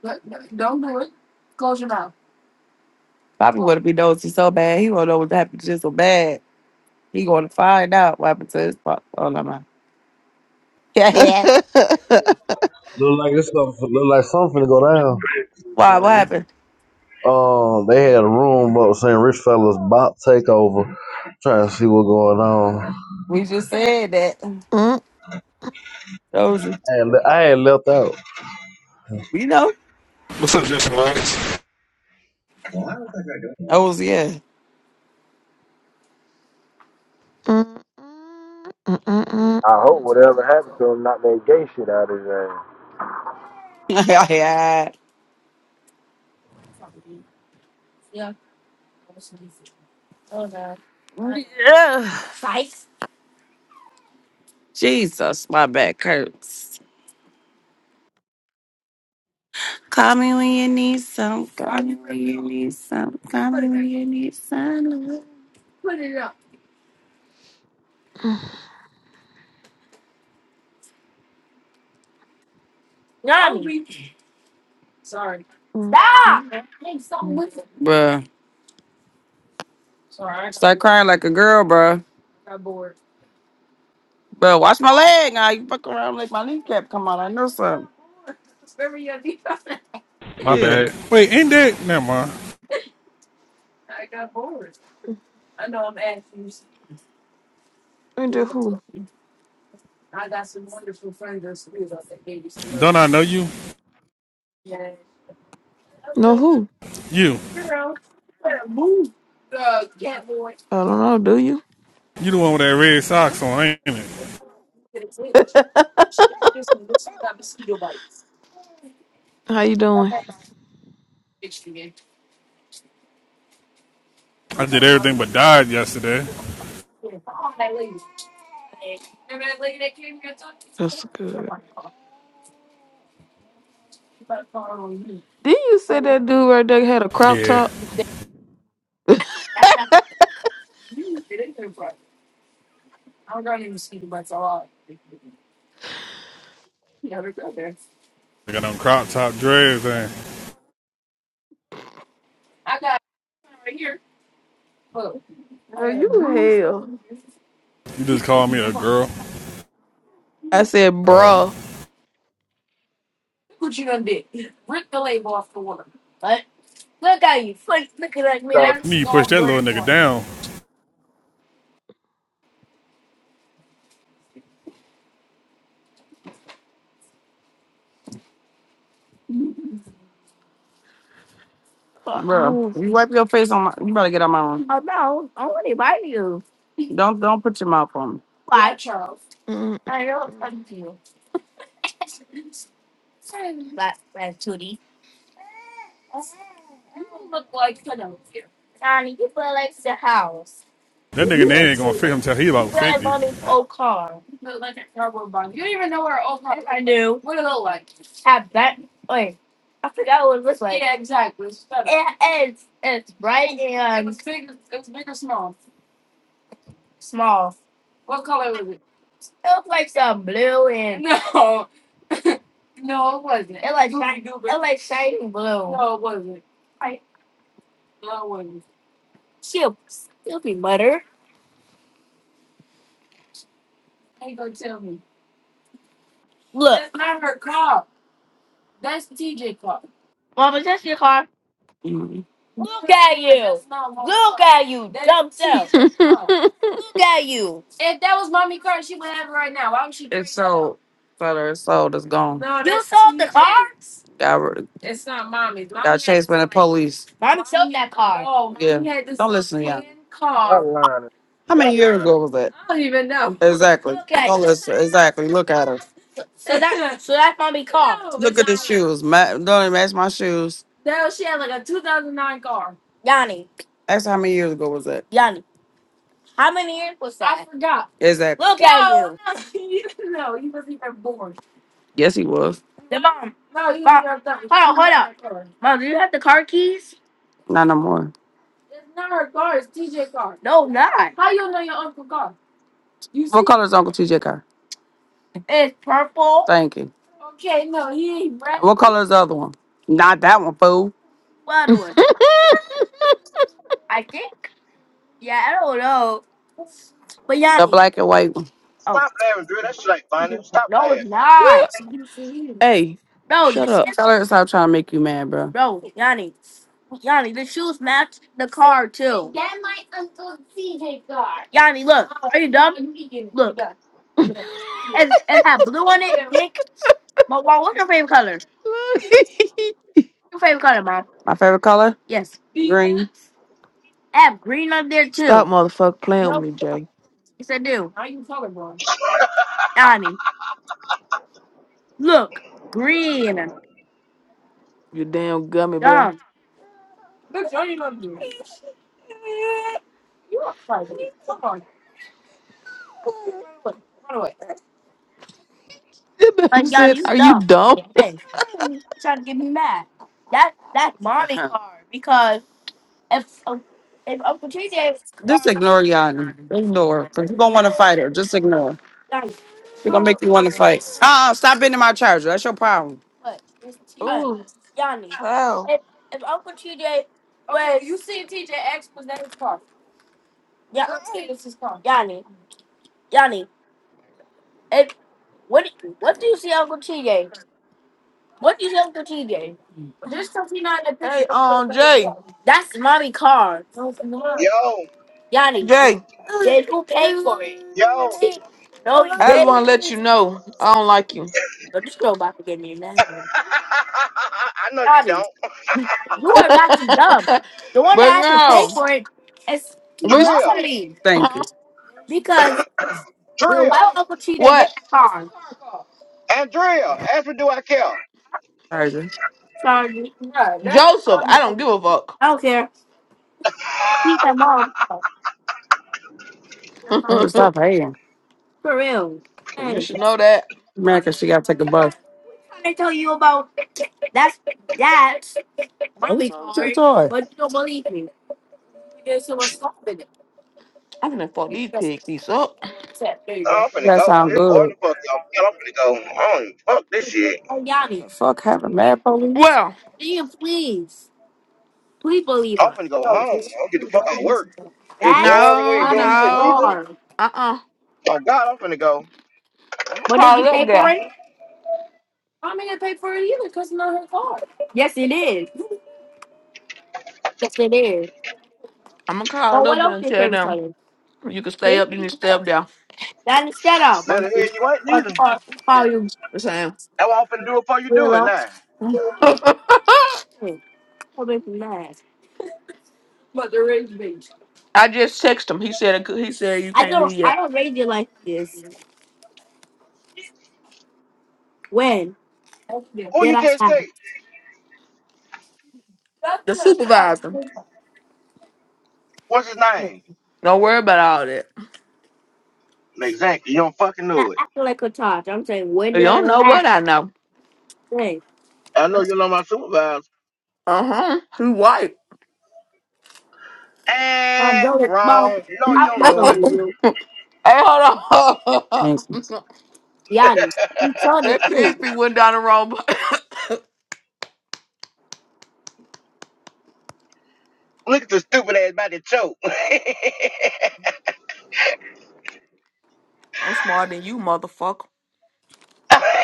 Speaker 1: But but don't do it. Close your mouth. Bobby want to be nosy so bad. He want to know what happened to him so bad. He going to find out what happened to his pop. Oh, no, man. Yeah, yeah.
Speaker 2: Look like this stuff. Look like something to go down.
Speaker 1: Why? What
Speaker 8: Queen.
Speaker 1: happened?
Speaker 2: Um, they had a room up saying rich fellas bot takeover, trying to see what's going on.
Speaker 1: We just said that. Told you.
Speaker 2: And I ain't left out.
Speaker 1: We know.
Speaker 4: What's up, Justin Lawrence?
Speaker 1: Oh, was, yeah.
Speaker 8: I
Speaker 1: Oh,
Speaker 8: hope
Speaker 1: tomorrow,
Speaker 8: whatever happened
Speaker 1: so-
Speaker 8: to him not that gay shit out of his ass.
Speaker 1: yeah. Yeah. I was sneezing. Oh God. Yeah. Fight. Jesus, my back hurts. Call me when you need some. Call me when you need some. Call me when you need some. Love. Nani. Sorry. Stop! Hey, something with it. Bruh. Sorry. I- Start crying like a girl, bruh. Got bored. Bruh, watch my leg now. You fuck around like my kneecap come out. I know something. Remember your kneecap?
Speaker 4: My
Speaker 1: Yeah.
Speaker 4: bad. Wait, ain't that? Never mind.
Speaker 1: I got bored. I know I'm asking you.
Speaker 7: And who?
Speaker 1: you're- I got some wonderful friends at school that gave you some
Speaker 4: Don't I
Speaker 1: lotion.
Speaker 4: know you?
Speaker 1: Yeah.
Speaker 7: No who?
Speaker 4: You.
Speaker 1: Girl, you better move the cat boy.
Speaker 7: I don't know. Do you?
Speaker 4: You the one with that red
Speaker 1: That's
Speaker 4: socks on, ain't it?
Speaker 1: what it is. She got this one. She got mosquito bites.
Speaker 7: How you doing?
Speaker 1: Bitch, you gay. I'm
Speaker 4: I did
Speaker 1: talking about
Speaker 4: everything but
Speaker 1: fucking.
Speaker 4: died yesterday.
Speaker 1: Bro,
Speaker 7: That's good. Did you say that dude right there had a crop
Speaker 4: Yeah.
Speaker 7: top?
Speaker 4: I got on crop top dreads and
Speaker 7: Girl, you hell.
Speaker 4: you just called me a girl.
Speaker 7: I said, bruh.
Speaker 8: He talked to
Speaker 4: You
Speaker 8: the
Speaker 4: need to push that little nigga down.
Speaker 7: Mm.
Speaker 1: you wipe your face on my. You better get on my room. Don't don't put your mouth on
Speaker 7: Mm,
Speaker 1: me. But actually, you look like you know, Johnny, you feel like the house.
Speaker 4: That
Speaker 1: You
Speaker 4: nigga name
Speaker 1: feel
Speaker 4: ain't gonna
Speaker 1: say
Speaker 4: fit
Speaker 1: that.
Speaker 4: him till he
Speaker 1: You feel
Speaker 4: about
Speaker 1: like
Speaker 4: 50.
Speaker 1: mommy's old car. You feel like a terrible bum. You don't even know what her old car is. I knew. What it look like. I bet. Wait. I forgot what it looked like. Yeah, exactly. It's better. It, it's, it's bright and. It and was, big, it was big or small? Small. What color was it? It looked like some blue and No. no, it wasn't. it like Doobie it like shining blue. No, it wasn't. I- No, it wasn't. She'll still be butter. Ain't gonna tell me. Look, That's not her car. That's TJ car. mama, that's your car. Mhm. Look at you. Look at you, dumb self.
Speaker 7: mm,
Speaker 1: Look at you. If that was mommy car, she would have it right now. Why would she? It's sold. Brother, it's sold. It's gone. No, you that's sold the TJ. car. Got rid- It's not mommy's. Mommy got chased by the police. Mommy sold that car. Oh, yeah. Mommy had this Don't listen to y'all.
Speaker 8: front
Speaker 1: Car
Speaker 8: line
Speaker 1: how many years ago was that? I don't even know. Exactly. Okay, All this, exactly. Look at her. so that so that's mommy car. no, Look at the like shoes. Ma- don't it match my shoes. no. She had like a 2009 car. Yanni, Ask her how many years ago was that? Yanni, how many years was that? I forgot. Exactly. Look at No, you, no, you no, you wasn't even born. Yes, he was. the mom. No, you Mom, never done. hold on, hold up. Mom, do you have the car keys? Not no more. It's not her car. It's TJ car. No, not. How you know your uncle car? You see- What color is Uncle TJ car? it's purple. Thank you. Okay, no, he ain't red. What color is the other one? Not that one, fool. What other one? I think. Yeah, I don't know. But yeah, The black and white one.
Speaker 3: Stop laughing, Drew. That shit ain't funny. Stop
Speaker 1: No,
Speaker 3: laughing.
Speaker 1: it's not.
Speaker 7: hey,
Speaker 1: Bro,
Speaker 7: shut
Speaker 1: th-
Speaker 7: up.
Speaker 1: Tell her to stop trying to make you mad, bro. bro, Yanni, Yanni, the shoes match the car too. Yanni, look, are you dumb? Look, and and have blue on it, pink. But mom, what's your favorite color? Your favorite color, mom? My favorite color? Yes, Green. I have green on there
Speaker 7: Stop
Speaker 1: too.
Speaker 7: motherfucker playing with me, Jay.
Speaker 1: Yes, I do. Yanni, look, green.
Speaker 7: You damn gummy
Speaker 1: Dumb.
Speaker 7: bear.
Speaker 1: Bitch, I ain't nothing to do. You are crazy. Come on. Look, run away.
Speaker 7: The
Speaker 1: Like,
Speaker 7: baby
Speaker 1: y'all,
Speaker 7: said,
Speaker 1: you
Speaker 7: Are you
Speaker 1: dumb.
Speaker 7: dumb?
Speaker 1: Dang. You trying to get me mad. That That's Monty car. Because if, uh, if Uncle TJ was Just ignore Yanni. Ignore. Because you're going to want to fight her. Just ignore. like, She's going to make you want to fight. Uh-uh. Stop being in my charger. That's your problem. What? Uh,
Speaker 7: Oh,
Speaker 1: Yanni.
Speaker 7: how?
Speaker 1: If, if Uncle TJ. Wait, you see TJ X was that his car? Yeah, let's see this is called. Yanni, Yanni, if, what do- what do you see Uncle TJ? What do you see Uncle TJ? There's something not in the picture.
Speaker 7: Hey,
Speaker 1: That's what
Speaker 7: um,
Speaker 1: I'm
Speaker 7: Jay,
Speaker 1: saying. That's mommy car. No, it's not.
Speaker 3: Yo,
Speaker 1: Yanni,
Speaker 7: Jay,
Speaker 1: did who paid for it?
Speaker 3: yo.
Speaker 1: No, you
Speaker 7: I just want to let you
Speaker 1: didn't.
Speaker 7: know I don't like you.
Speaker 1: So this girl about to get me mad.
Speaker 3: I know you
Speaker 1: Yanni,
Speaker 3: don't.
Speaker 1: you are not too dumb.
Speaker 7: but
Speaker 1: The one that actually paid
Speaker 7: no,
Speaker 1: for it is
Speaker 7: we,
Speaker 3: Drill,
Speaker 1: mommy. Thank you.
Speaker 7: huh?
Speaker 1: Because well,
Speaker 3: drill,
Speaker 1: why would Uncle TJ
Speaker 7: What?
Speaker 1: get that car?
Speaker 3: and drill. Ask me, do I care?
Speaker 1: charger. Sorry. Yeah, that's not
Speaker 7: Joseph,
Speaker 1: all
Speaker 7: I
Speaker 1: you
Speaker 7: don't
Speaker 1: told
Speaker 7: give a fuck.
Speaker 1: I don't care. Keep that Mom, no, to stop hating. for real.
Speaker 7: you
Speaker 1: Hey.
Speaker 7: should know that.
Speaker 1: America, she gotta take a bus. tell you about that's that. Oh, really toy. but you don't believe me.
Speaker 7: I'm gonna fuck these
Speaker 1: Yes,
Speaker 7: pigs these up.
Speaker 1: you
Speaker 3: Oh, I'm finna
Speaker 1: That
Speaker 3: go.
Speaker 1: sound
Speaker 3: It's boring
Speaker 1: good.
Speaker 3: the fuck. up. I'm finna go. I don't even fuck this shit.
Speaker 1: Oh, Yanni, The fuck happened, mad police?
Speaker 7: Well,
Speaker 1: Ian, please, please believe
Speaker 3: I'm
Speaker 1: us.
Speaker 3: finna go
Speaker 1: No,
Speaker 3: home.
Speaker 1: this-
Speaker 3: I'll get the fuck
Speaker 1: that
Speaker 3: out
Speaker 1: would
Speaker 3: of work. It's
Speaker 1: That's
Speaker 3: boring. We
Speaker 7: no,
Speaker 3: ain't doing
Speaker 1: money
Speaker 3: shit
Speaker 7: no.
Speaker 3: neither.
Speaker 1: far.
Speaker 7: Uh uh-uh. uh. i
Speaker 3: My God, I'm finna go.
Speaker 7: gonna
Speaker 1: What did
Speaker 7: call
Speaker 1: you
Speaker 7: up
Speaker 1: pay for
Speaker 7: there.
Speaker 1: it? I'm gonna pay for it either because it's not her car. Yes, it is. Yes, it is.
Speaker 7: I'm gonna
Speaker 1: But
Speaker 7: call
Speaker 1: what
Speaker 7: up there
Speaker 1: else
Speaker 7: and
Speaker 1: is
Speaker 7: tell
Speaker 1: favorite
Speaker 7: them
Speaker 1: song?
Speaker 7: you can stay
Speaker 1: See?
Speaker 7: up, you need to stay up there.
Speaker 1: That instead of
Speaker 3: Let the
Speaker 1: monkey.
Speaker 3: hell you ain't
Speaker 1: Or,
Speaker 3: neither.
Speaker 1: or, or you
Speaker 7: The same.
Speaker 3: That's what I'm finna do it before you do it
Speaker 1: gorilla.
Speaker 3: now.
Speaker 1: Hey, come in from mad. But the rage beast.
Speaker 7: I just texted him. He said it could- he said you
Speaker 1: I
Speaker 7: can't
Speaker 1: don't,
Speaker 7: leave
Speaker 1: I
Speaker 7: yet.
Speaker 1: don't rate you like this. When Yeah.
Speaker 3: Who
Speaker 1: did
Speaker 3: you
Speaker 1: I
Speaker 3: just
Speaker 1: laugh?
Speaker 3: say?
Speaker 7: The
Speaker 1: That's just
Speaker 7: supervisor.
Speaker 3: What's his
Speaker 1: Hey,
Speaker 3: name?
Speaker 7: Don't worry about all that.
Speaker 3: Exactly. You don't fucking
Speaker 1: Not
Speaker 3: know it.
Speaker 1: acting like a charge. I'm saying, when
Speaker 7: You
Speaker 1: did I
Speaker 7: don't know
Speaker 1: laugh?
Speaker 7: what I know.
Speaker 1: Hey,
Speaker 3: I know you know my supervisor.
Speaker 7: Uh huh. Who white?
Speaker 1: I'm
Speaker 3: And
Speaker 1: doing mom.
Speaker 3: wrong. No, you
Speaker 1: I,
Speaker 3: don't
Speaker 1: I
Speaker 7: hey,
Speaker 3: know it.
Speaker 1: believe you.
Speaker 7: hold on.
Speaker 1: Thanks. Be You told the
Speaker 7: that pig be
Speaker 1: truth.
Speaker 7: went down the wrong.
Speaker 3: Look at the stupid ass about to choke.
Speaker 7: I'm smarter than you, motherfucker.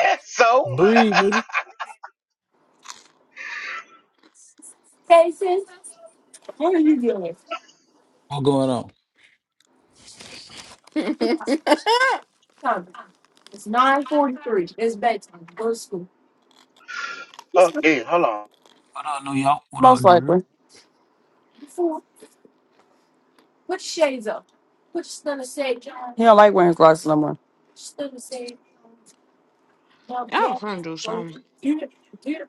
Speaker 3: so,
Speaker 10: Breed, nigga.
Speaker 1: Cases. What are you doing?
Speaker 10: What going on?
Speaker 7: I
Speaker 1: Time. It's nine forty-three. It's bedtime. Go to school.
Speaker 3: oh, yeah, hold on.
Speaker 10: What up, New York? What up,
Speaker 1: Most
Speaker 10: Drew?
Speaker 1: likely. Before, put your shades up. Put your stunner shades on. He don't like wearing his glasses no more. Stunner shades on. Now get
Speaker 7: was
Speaker 1: up.
Speaker 7: trying to do something.
Speaker 1: get up. get.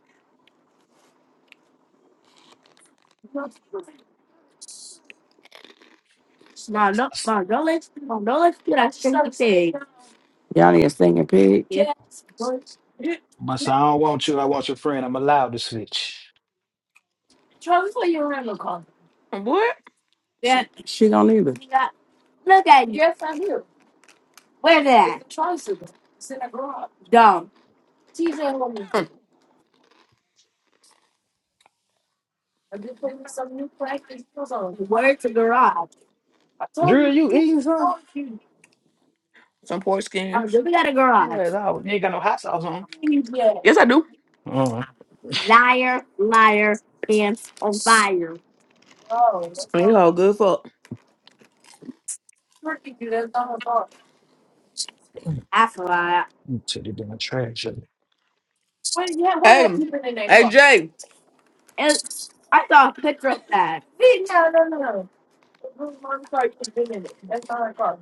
Speaker 1: up. Now no, now don't let now don't let you that stunner shades. Y'all need a singing pig. Yes.
Speaker 10: My son, I don't want you. I want your friend. I'm allowed to switch.
Speaker 1: Charlie, what you remember calling?
Speaker 7: What?
Speaker 1: Yeah. She don't either. Yeah. Look at you. Yes, I do. Where's it at? Dumb. Where's
Speaker 7: Hmm,
Speaker 1: the garage?
Speaker 10: Drew, you eating something?
Speaker 1: Oh,
Speaker 7: Some poor skins.
Speaker 1: do we got a garage?
Speaker 10: Yeah, no, you ain't got no hot sauce on.
Speaker 7: Yes, I do.
Speaker 10: Oh,
Speaker 1: Liar, liar, pants on fire. That's
Speaker 7: You all good fuck.
Speaker 10: Uh,
Speaker 1: a lie.
Speaker 10: titty been a trash.
Speaker 7: Hey, hey Jay.
Speaker 1: It's, I saw a picture of that.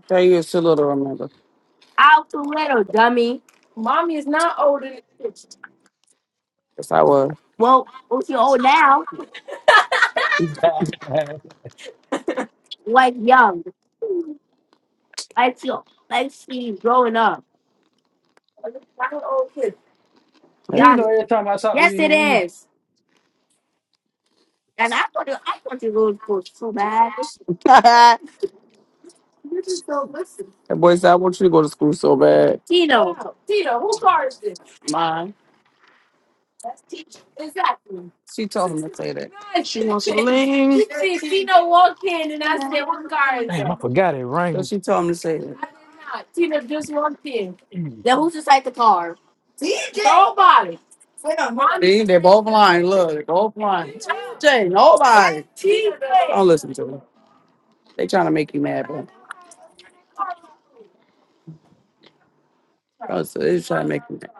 Speaker 1: Tell you, it's a little remember. Out the window, dummy. Mommy is not old in the bitch. Yes, I was. Well, well, she old now,
Speaker 10: Drew,
Speaker 1: like young, like she, like she growing up. Not an old kid.
Speaker 10: you
Speaker 1: Donnie.
Speaker 10: know every time I talk to
Speaker 1: Yes,
Speaker 10: you,
Speaker 1: it
Speaker 10: you eat.
Speaker 1: is. And I want to, I want to go to school so bad. that boy said, I want you to go to school so bad. Tito. Wow. Tito, who car is this? Mine. Exactly. She told him to say that.
Speaker 7: She wants to lean.
Speaker 1: she, she, Tino walked in and I said, what car is
Speaker 10: Damn,
Speaker 1: that?
Speaker 10: I forgot it
Speaker 1: So
Speaker 10: rained.
Speaker 1: she told him to say that. I did not. Tina, just one thing.
Speaker 10: Mm.
Speaker 1: Now who's inside the car? Nobody. Mommy See, they're both lying. Look, they're both lying. Jay, nobody. Tina. Don't listen to them. They trying to make you mad, bro. Oh, so they trying to make you mad.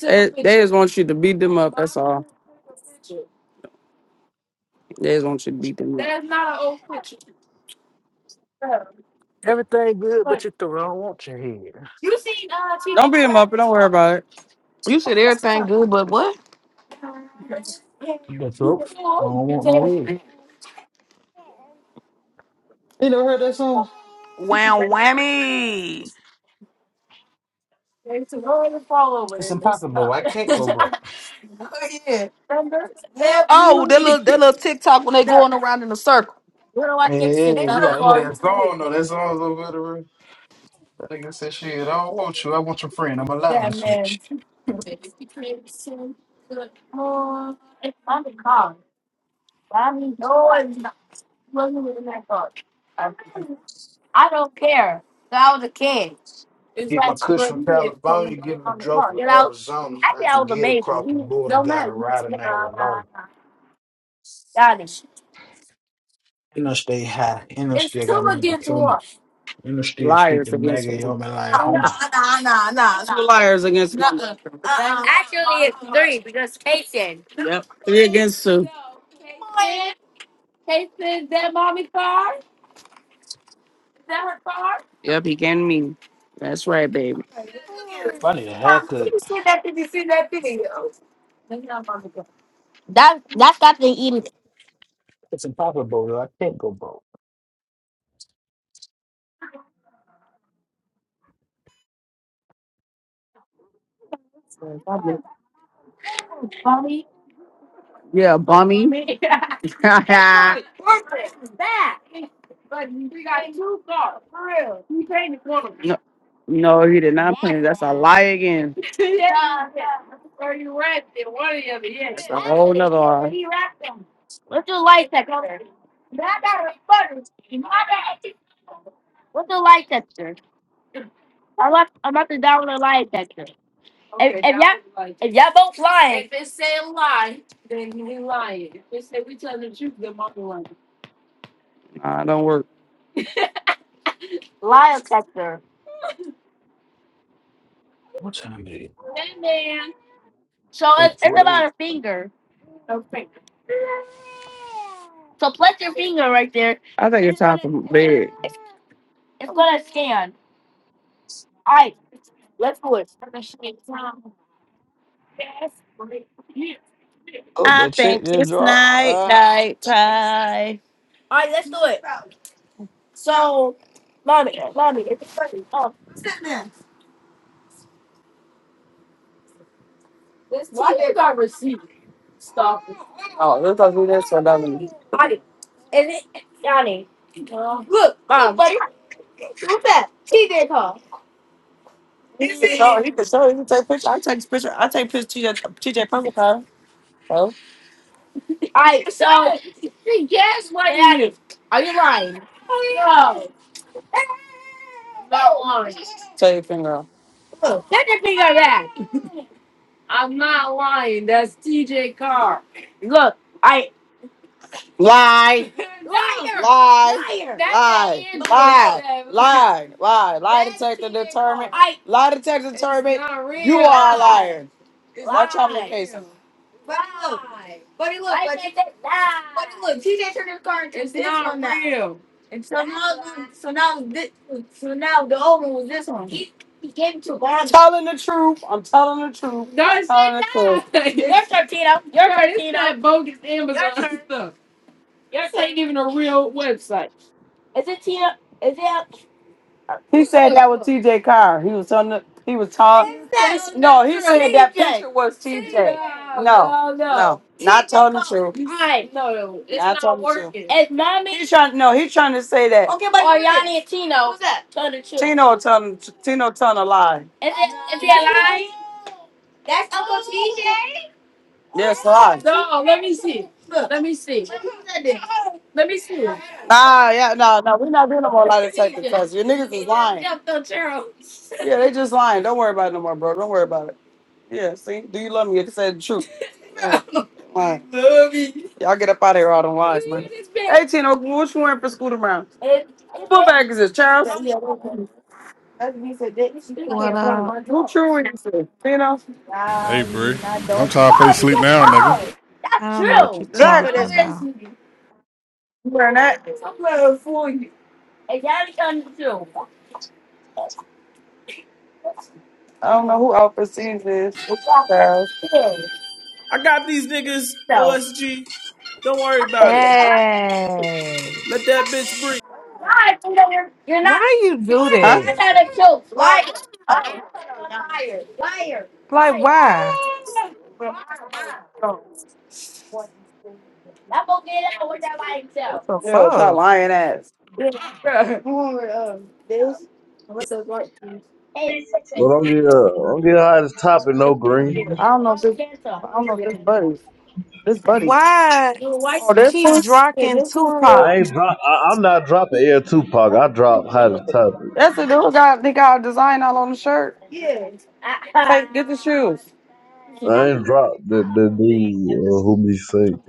Speaker 1: They, they just want you to beat them up. That's all. They just want you to beat them up. That's not an old picture.
Speaker 10: Everything good, but
Speaker 1: But
Speaker 10: your throat. I don't want your head.
Speaker 1: you seen uh Tina Don't beat them up. Don't worry about
Speaker 7: You said
Speaker 1: it.
Speaker 7: everything good, but what?
Speaker 10: You got throat. I don't want no head. You never heard that song?
Speaker 7: Wham whammy.
Speaker 1: It's a roll and fall over
Speaker 10: It's
Speaker 1: there. You
Speaker 10: impossible.
Speaker 1: stop.
Speaker 10: I can't go broke.
Speaker 1: Thunder, help me.
Speaker 7: Oh, that little that little TikTok when they
Speaker 1: No,
Speaker 7: going around in a circle.
Speaker 1: Where do I
Speaker 10: Yeah, yeah,
Speaker 1: fix
Speaker 10: yeah.
Speaker 1: it?
Speaker 10: you
Speaker 1: I'm
Speaker 10: gotta hear
Speaker 1: going
Speaker 10: that
Speaker 1: to be
Speaker 10: song though. That song's so good. Nigga said, shit, I don't want you. I want your friend. I'm allowed to
Speaker 1: that
Speaker 10: switch.
Speaker 1: man. If you can't sing, good morning. I'm the car. I mean, no one's not living in that car. I don't care. that I was a kid. It's
Speaker 10: Get my
Speaker 1: like
Speaker 10: kush
Speaker 1: for
Speaker 10: from
Speaker 1: me, it's
Speaker 10: California,
Speaker 1: on
Speaker 10: get my
Speaker 1: the
Speaker 10: dro
Speaker 1: car.
Speaker 10: from
Speaker 1: You know,
Speaker 10: Arizona.
Speaker 1: I
Speaker 10: I
Speaker 1: think I
Speaker 10: can
Speaker 1: was a
Speaker 10: get it
Speaker 1: baby.
Speaker 10: across the border.
Speaker 1: Don't
Speaker 10: Got
Speaker 1: matter.
Speaker 10: a
Speaker 1: You can see,
Speaker 10: rider named
Speaker 1: uh,
Speaker 10: Winona.
Speaker 1: God
Speaker 10: And I stay high. And I
Speaker 1: it's
Speaker 10: still got
Speaker 1: too
Speaker 10: my deployment.
Speaker 1: much.
Speaker 10: And I still keep
Speaker 1: Liars
Speaker 10: the
Speaker 1: against
Speaker 10: maggie
Speaker 1: women.
Speaker 10: on me like
Speaker 1: No, no,
Speaker 10: Homer.
Speaker 1: Two no. liars against one. no. Uh, uh, Actually, it's three because Casey. Yep. Three against two. Casey, is that her car? Yep, he can me. That's right, baby.
Speaker 10: If I need a haircut.
Speaker 1: That that's got to eat.
Speaker 10: It's impossible, though. I can't go broke.
Speaker 1: Mommy. Yeah, bummy. Yeah. Worth But he got two cars, for real. He painted one of them. No, No, he did not paint. That's a lie again. yeah. yeah. Or you wrapped it, one of the other, yeah. That's a whole nother lie. He wrapped them. What's the light sector? That got a butter. My bad. What's the light sector? I'm about, I'm about to download light sector. Okay, If, Okay, if y'all, download if y'all both lying. If it say lie, then we lying. If it say we telling the truth, then mama lying. Nah, it don't work. Lie detector.
Speaker 10: What time is it?
Speaker 1: So it's, it's about
Speaker 10: 848.
Speaker 1: a finger. Okay. So place your finger right there. I think it's time for bed. It's it's gonna scan. All right, let's do it.
Speaker 10: Oh,
Speaker 1: I
Speaker 10: that check
Speaker 1: think
Speaker 10: just
Speaker 1: it's
Speaker 10: dropped.
Speaker 1: night,
Speaker 10: Uh,
Speaker 1: night time. Let's do it. So, mommy, mommy, it's funny. Oh, why you got receipt? Stop. Oh, let's talk to this one, Dominique. Is it Johnny? Look, mom. Look, buddy. What's that? TJ call. He can show. He can show. He can take picture. I take picture. I take picture. TJ TJ Pumpkin Pie. So. Hey, so guess what that is? Are you lying? No, I'm not lying. Tell your finger. off. Look, get your finger back. I'm not lying. That's TJ Carr. Look, I Lie. liar, Lie. liar. That Lie. Lie. no. Lie. Lie. Lie detector determined. I Lie detector determined. You are a liar. Watch out for your lie. case. But it look, I but it, but look, it's this not real. And so now, so now this, so now the old one was this one. He, he gave it to him. I'm telling the truth. I'm telling the truth. No, it's not. You're Tito. You're turn, it's not bogus Amazon Your turn. stuff. Your this ain't even a real website. Is it Tito? Is it? He said that was T.J. Carr. He was on the. He was talking. No, he said that picture was TJ. No, no, no. Not telling the truth. I no, it's not, telling the truth. working. It's mommy. He's trying. No, he's trying to say that. Okay, but or Yanni and Tino. Who's that? Tino telling Tino telling a lie. Is it? Is it a lie? That's Uncle TJ. Yes, a lie. No, let me see. Look, Let me see. Let me see. Nah, yeah, no, no, we're not doing no more lie detector tests. Your niggas is lying. Yeah, they just lying. Don't worry about it no more, bro. Don't worry about it. Yeah, see, do you love me? You can say the truth. Yeah. Right. Y'all get up out of here, all them lies, man. Hey, Tino, what you wearing for school tomorrow? What bag is this, Charles? Who
Speaker 11: What up?
Speaker 1: true you say? Tino?
Speaker 4: Hey, Bree. I'm tired of play sleep now, nigga.
Speaker 11: I don't know what you're
Speaker 1: Zach?
Speaker 11: talking about.
Speaker 1: You wearing that? I don't know who Alpha Seas is. Charles.
Speaker 12: I got these niggas, OSG. Don't worry about it.
Speaker 11: Hey,
Speaker 12: Let that bitch breathe.
Speaker 1: Liar, are You're not.
Speaker 11: why you do
Speaker 1: Huh? That's
Speaker 11: that?
Speaker 1: how that shows. Liar. Liar. Liar.
Speaker 11: Like,
Speaker 1: Liar.
Speaker 11: why?
Speaker 1: Liar.
Speaker 11: What
Speaker 1: That boy get out with that by himself.
Speaker 11: the
Speaker 1: Yeah, with your
Speaker 11: fuck?
Speaker 1: lying ass. Bruh. You um, this? Hey, listen.
Speaker 2: But I'm get uh, I'm get high as topic. No green.
Speaker 1: I don't know if this. I don't know if this buddies. This buddies.
Speaker 11: Why
Speaker 1: Oh, this
Speaker 11: keep
Speaker 1: one. Yeah,
Speaker 11: dropping
Speaker 1: this one.
Speaker 2: I
Speaker 11: Tupac?
Speaker 2: ain't drop. I, I'm not dropping Air Tupac. I drop high as topic.
Speaker 1: That's the dude got. They got a design all on the shirt. Hey, get the shoes.
Speaker 2: I ain't drop the the the uh, who be sick.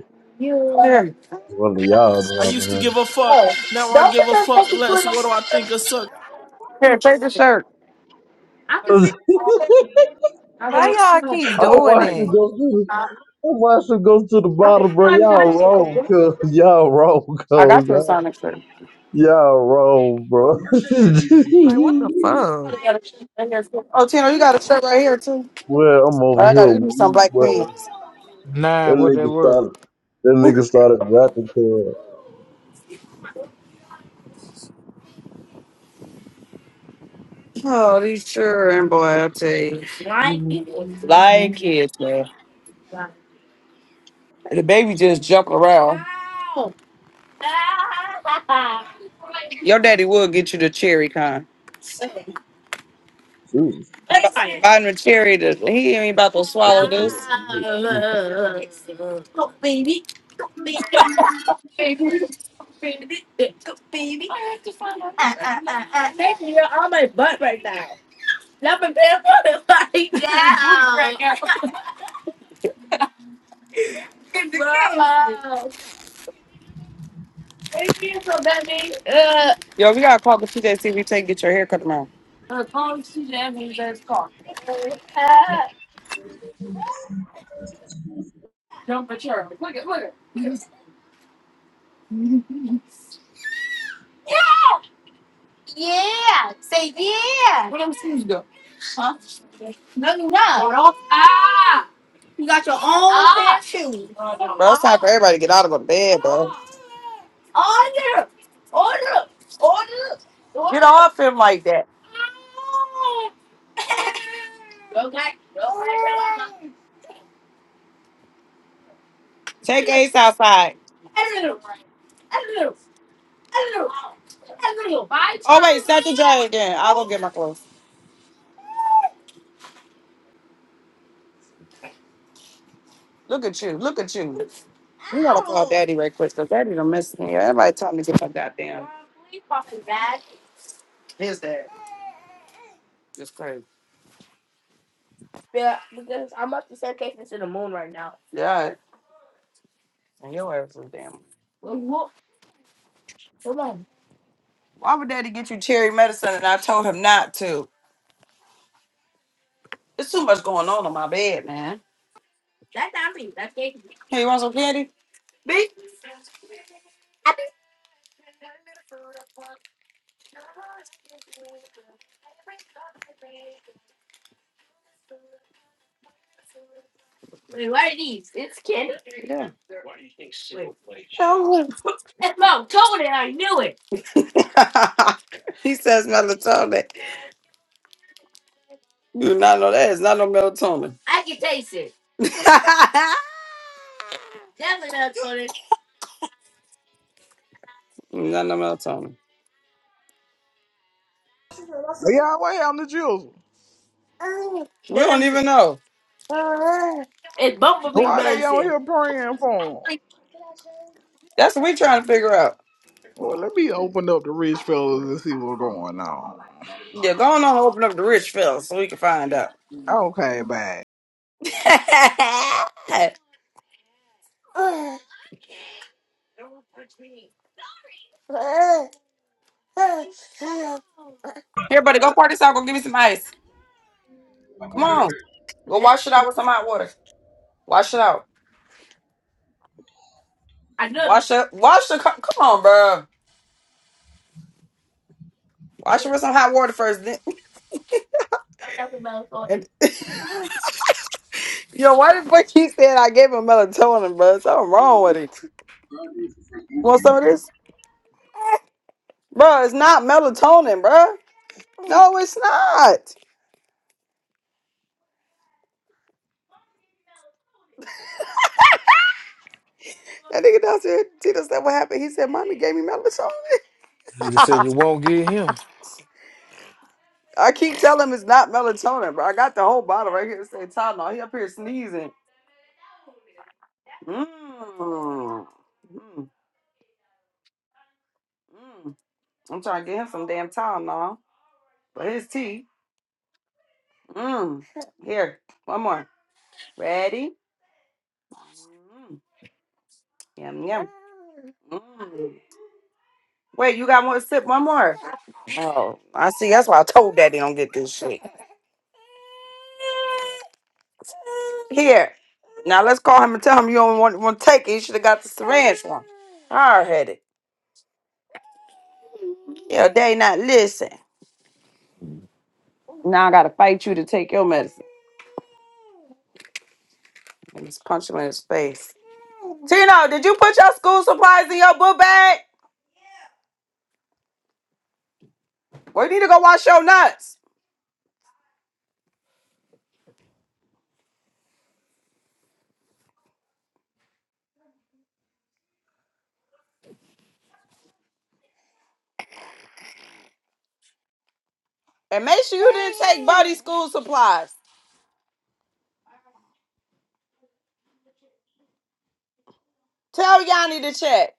Speaker 2: One of y'all
Speaker 12: I used to
Speaker 2: know,
Speaker 12: give a fuck,
Speaker 1: Oh,
Speaker 12: now I
Speaker 1: don't
Speaker 12: give
Speaker 1: put
Speaker 12: a
Speaker 1: that
Speaker 12: fuck
Speaker 1: fucking
Speaker 12: less.
Speaker 1: foot on
Speaker 12: What do
Speaker 1: my
Speaker 12: I
Speaker 1: shirt.
Speaker 12: think of suck?
Speaker 1: Here, take the shirt. I can
Speaker 2: man.
Speaker 1: see. I
Speaker 11: Why
Speaker 1: go.
Speaker 11: y'all
Speaker 1: Oh, this
Speaker 11: keep
Speaker 2: I
Speaker 1: is
Speaker 11: doing
Speaker 2: watched
Speaker 1: funny.
Speaker 2: you
Speaker 11: it?
Speaker 2: go through. I watched you go to the
Speaker 1: I think
Speaker 2: bottom, bro.
Speaker 1: I'm
Speaker 2: Y'all
Speaker 1: funny.
Speaker 2: wrong, cuz y'all wrong,
Speaker 1: I
Speaker 2: cuz
Speaker 1: got your Sonic shirt.
Speaker 2: y'all wrong, bro.
Speaker 11: Like, what the fuck?
Speaker 1: Oh, Tina, you got a shirt right here too.
Speaker 2: well, I'm over
Speaker 1: But I got
Speaker 2: here
Speaker 1: you need some
Speaker 2: weak,
Speaker 1: black
Speaker 2: but
Speaker 1: pants.
Speaker 2: that
Speaker 10: Nine, what that
Speaker 2: nigga
Speaker 10: word?
Speaker 2: started that nigga started rapping to
Speaker 1: Oh, these children, boy, I tell you. Like
Speaker 2: uh,
Speaker 1: kids, Like kids, man. The baby just jump around. Ow. Your daddy will get you the cherry kind.
Speaker 2: Shoot.
Speaker 1: Rodman Cherry, to, he ain't about to
Speaker 2: What's
Speaker 1: swallow
Speaker 2: up,
Speaker 1: this.
Speaker 2: man?
Speaker 1: Yo, we gotta call the TJCB and get your hair cut tomorrow. Bro, it's time for everybody to get out of the bed, bro. Get off him like that. Take Ace outside. Oh, wait, set the dry again. I'll go get my clothes. Look at you. Look at you. You gotta call daddy right quick because daddy done messed me. up. Everybody tell me to get my goddamn. His dad. It's crazy. Yeah. And your ass is damn. Why would daddy get you cherry medicine and I told him not to? There's too much going on in my bed, man. Hey, you want some candy? B? Yeah. Show him. he says melatonin. You do not know that. It's not no melatonin. not no melatonin.
Speaker 13: Yahweh, I'm the Jews.
Speaker 1: We don't even know.
Speaker 13: Why they on here praying for him?
Speaker 1: That's what we trying to figure out.
Speaker 13: Well, let me open up the rich fellas and see what's going on.
Speaker 1: Yeah, go on and open up the rich fella so we can find out.
Speaker 13: Okay, bye.
Speaker 1: Here, buddy, go pour this out. Go give me some ice. Come on. Go wash it out with some hot water. Wash it out. Wash it. Wash the. co- Come on, bro. Wash it with some hot water first. Then. and- Yo, why the fuck you said I gave him melatonin, bro? Something wrong with it. You want some of this? Bro, it's not melatonin, bro. No, it's not. That nigga downstairs, Tito said what happened. He said, Mommy gave me melatonin.
Speaker 10: nigga said you won't get him.
Speaker 1: I keep telling him it's not melatonin, bro. I got the whole bottle right here. It say Tylenol. He up here sneezing. Mmm. Mmm. Mmm. I'm trying to get him some damn Tylenol for his tea. Mmm. Here, one more. Ready? Mmm. Yum yum. Mmm. Wait, you got one sip? One more. Oh, I see. That's why I told Daddy don't get this shit. Here. Now let's call him and tell him you don't want, want to take it. You should have got the syringe one. Hard headed. Yeah, they not listen. Now I gotta fight you to take your medicine. And just punch him in his face. Tino, did you put your school supplies in your book bag? We need to go wash your nuts. And make sure you didn't take Buddy's school supplies. Tell Yanni to check.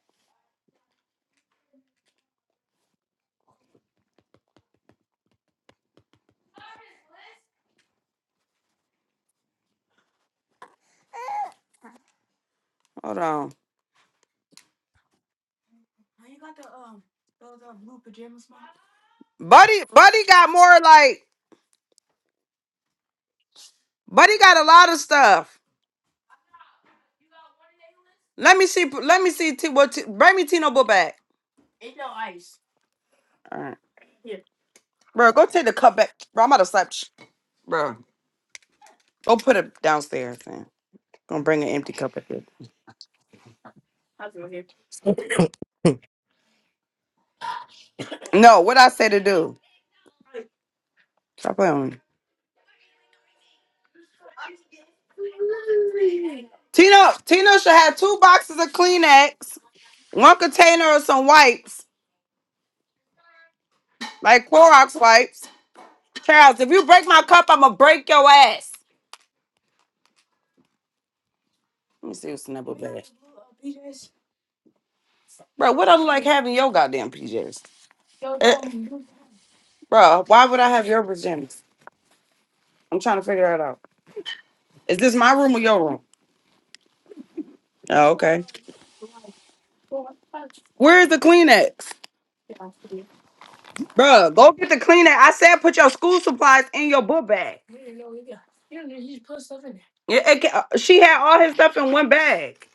Speaker 1: Hold on. Buddy, Buddy got more like Buddy got a lot of stuff. Let me see. Let me see. T- what? T- bring me Tino book bag. All right, bro. Go take the cup back, bro. I'm about to slap, you. bro. Go put it downstairs, man. Gonna bring an empty cup up here. No, what I say to do? Stop playing with me. Tino, Tino should have two boxes of Kleenex, one container of some wipes, like Clorox wipes. Charles, if you break my cup, I'ma break your ass. Let me see what's in that book bag. Bro, what I look like having your goddamn PJs? Eh, bro, why would I have your pajamas? I'm trying to figure that out. Is this my room or your room? Oh, okay. Where's the Kleenex? Bruh, go get the cleaner. I said put your school supplies in your book bag. Yeah, it ca- uh, she had all his stuff in one bag.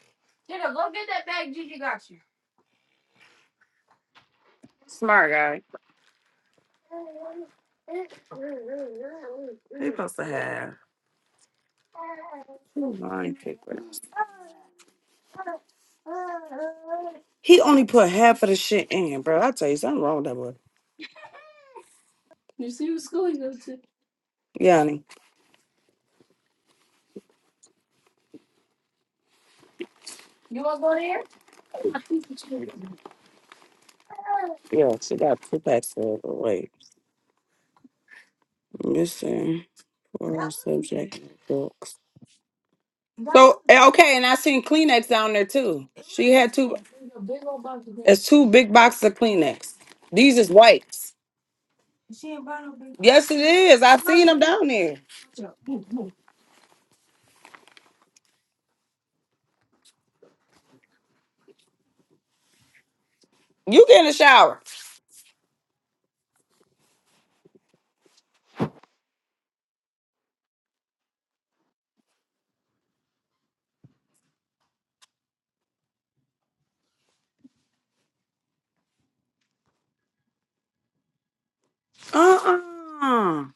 Speaker 1: Smart guy. He supposed to have. Who mind picker? He only put half of the shit in, bro. I tell you something wrong with that boy. Yeah, honey. Yeah, she got two packs of wait. Missing four subject books. So eh, okay, and I seen Kleenex down there too. She had two. It's two big boxes of Kleenex. These is wipes. Yes, it is. I seen them down there. You get in the shower. Uh-uh.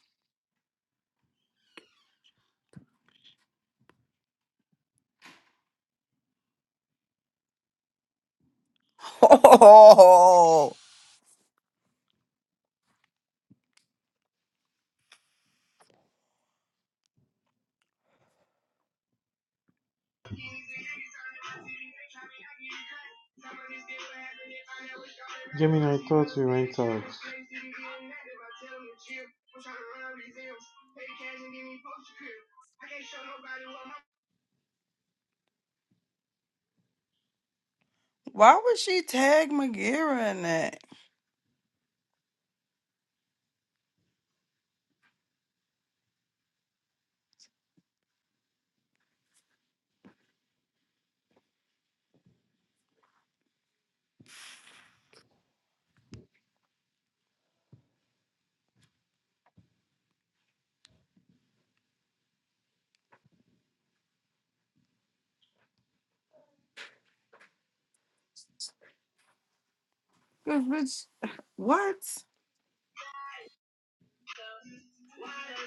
Speaker 1: Oh,
Speaker 6: Gemini, I thought we went out.
Speaker 1: why would she tag Magira in that? Bitch, what?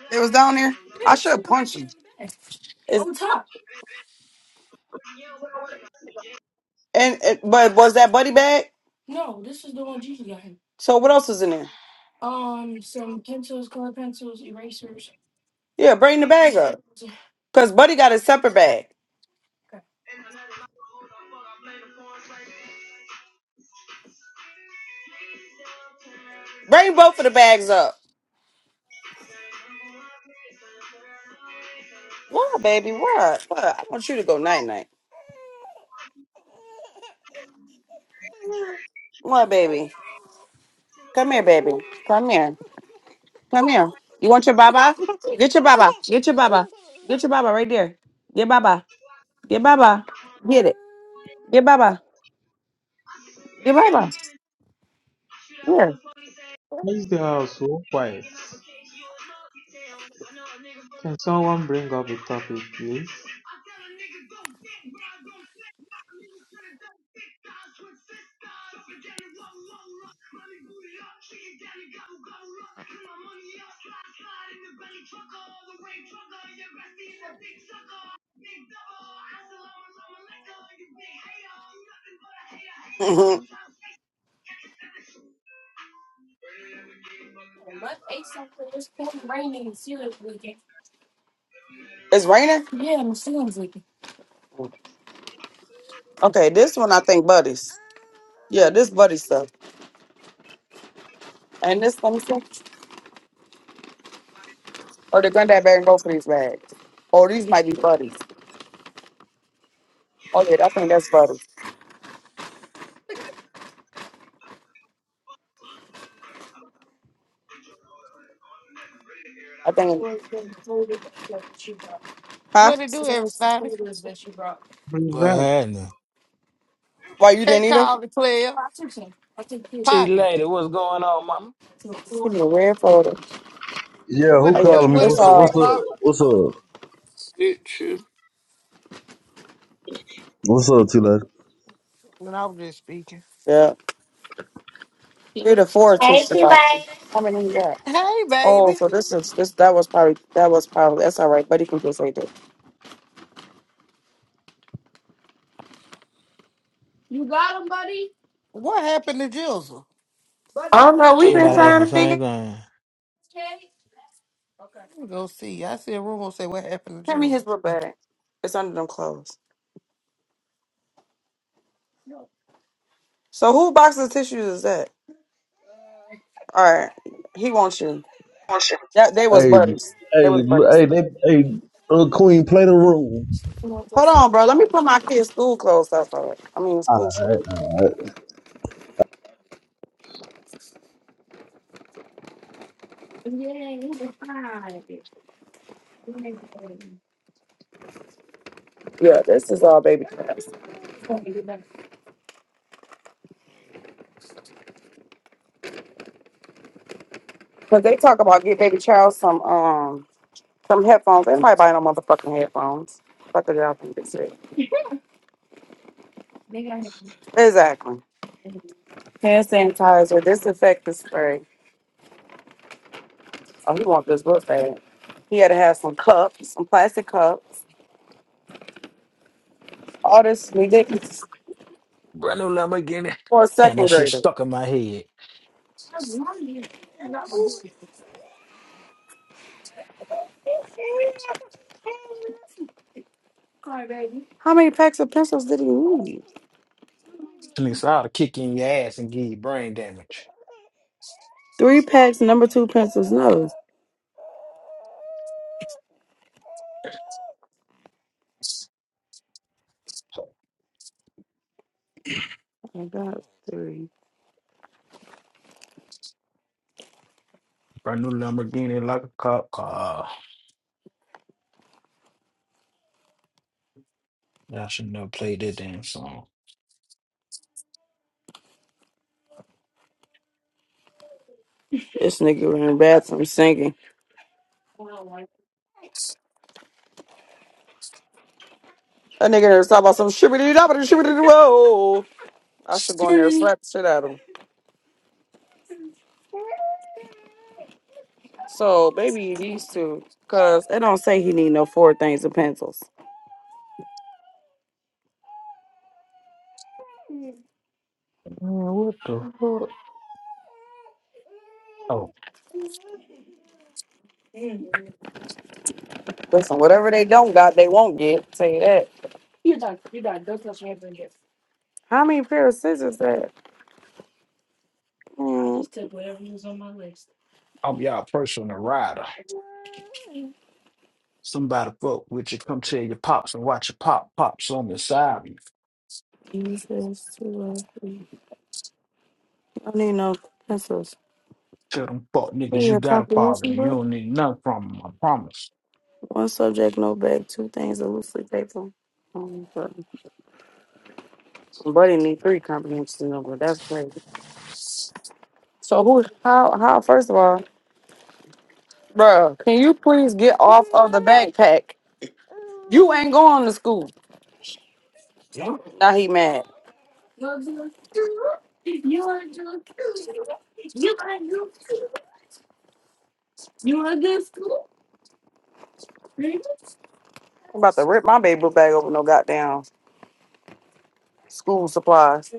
Speaker 1: It was down there. I should have punched him. It's- And it, but was that Buddy bag? So what else is in there? Yeah, bring the bag up. Cause Buddy got a separate bag. Bring both of the bags up. What, baby? What? What? I want you to go night night. What, baby? Come here, baby. Come here. Come here. You want your baba? Get your baba. Get your baba. Get your baba right there. Get baba. Get baba. Get it. Get baba. Get baba.
Speaker 6: Why is the house so quiet? Can someone bring up a topic, please?
Speaker 1: Mhm. it's raining. Okay, this one I think buddies. Yeah, this buddy stuff. And this one too. Or the granddad bag and both of these bags. Or these might be buddies. Oh yeah, I think that's buddies. I think. Huh?
Speaker 14: What it do, everybody?
Speaker 6: Bring
Speaker 10: What
Speaker 6: that
Speaker 10: happened?
Speaker 1: Why you
Speaker 14: K
Speaker 1: didn't eat them?
Speaker 14: Toll the player,
Speaker 10: See you
Speaker 14: Poppy.
Speaker 10: later. What's going on, mama?
Speaker 1: Give me a red folder.
Speaker 2: Yeah, who
Speaker 14: What
Speaker 1: Oh
Speaker 14: it
Speaker 1: yeah,
Speaker 14: do?
Speaker 2: calling me?
Speaker 14: What
Speaker 1: this
Speaker 14: it
Speaker 2: What's up?
Speaker 14: do,
Speaker 1: all
Speaker 14: Big
Speaker 2: What's
Speaker 14: Lock?
Speaker 2: up? What's up?
Speaker 10: Shit,
Speaker 2: What's up,
Speaker 14: When I was just speaking.
Speaker 1: yeah. Three to four tissue box. How many you got?
Speaker 14: Hey,
Speaker 1: Oh,
Speaker 14: baby.
Speaker 1: so this is this that was probably that was probably that's all right. Buddy can just right there. You got him, buddy.
Speaker 14: What happened to Jizzle?
Speaker 1: Buddy, you
Speaker 5: Oh no,
Speaker 1: got him.
Speaker 5: we've been
Speaker 10: Everybody
Speaker 1: Mhm.
Speaker 10: asking
Speaker 5: trying
Speaker 10: the
Speaker 5: to figure
Speaker 10: same thing.
Speaker 1: Okay. Okay.
Speaker 14: Let me go see. I see a rumor say what happened to
Speaker 1: Hand me
Speaker 14: Jizzle.
Speaker 1: his little bag. It's under them clothes. So who box of tissues is that? All right, he wants you.
Speaker 2: T
Speaker 1: That they was
Speaker 2: Hey,
Speaker 1: buddies. They
Speaker 2: hey,
Speaker 1: was buddies.
Speaker 2: hey, they, hey, uh, Queen, play the room.
Speaker 1: Hold on, bro. Let me put my kids' school clothes up. All right. I mean school. shit.
Speaker 2: Alright.
Speaker 1: Yeah, this is all baby clothes. Cause they talk about get baby child some um Some headphones. Everybody buy no motherfucking headphones. Fuck it up and get sick. Exactly. Hand sanitizer, disinfectant spray. Oh, he want this book bad. He had to have some cups, some plastic cups. All this ridiculous
Speaker 10: Brand new Lamborghini.
Speaker 1: for a
Speaker 10: Damn,
Speaker 1: second
Speaker 10: that shit
Speaker 1: grader.
Speaker 10: stuck in my head.
Speaker 1: How many packs of pencils did he need?
Speaker 10: Niggas nigga ought to kick you in your ass and give you brain damage.
Speaker 1: Three packs, number two pencils, no. I got three.
Speaker 10: Brand new Lamborghini like a cop car. I should never played that damn song.
Speaker 1: This nigga was in the bathroom singing. That nigga there was talking about some shibbity doo shibbity whoa. I should go in there and
Speaker 10: Sorry.
Speaker 1: slap the shit out of him. So maybe these two, cause it don't say he need no four things of pencils.
Speaker 10: Man, what the fuck? Oh,
Speaker 1: Listen, whatever they don't got, they won't get. Say that. You done. You done. Don't touch my How many pair of scissors that? Mm,
Speaker 10: I'm y'all personal rider. Somebody fuck with you, come tell your pops and watch your pop pops on the side. of You
Speaker 1: one, two, three, three. I don't need no pencils.
Speaker 10: tell them fuck
Speaker 1: Give
Speaker 10: niggas
Speaker 1: me
Speaker 10: you
Speaker 1: a
Speaker 10: got a father
Speaker 1: comprehension
Speaker 10: and you
Speaker 1: book.
Speaker 10: don't need nothing from 'em, I promise.
Speaker 1: One subject, no bag, two things, a loosely paper. Um, but Buddy need three comprehension number. That's crazy. So who? How? How? First of all, bruh, can you please get off of the backpack? You ain't going to school. Now he mad. You, you a good school. I'm about to rip my baby book bag over no goddamn school supplies.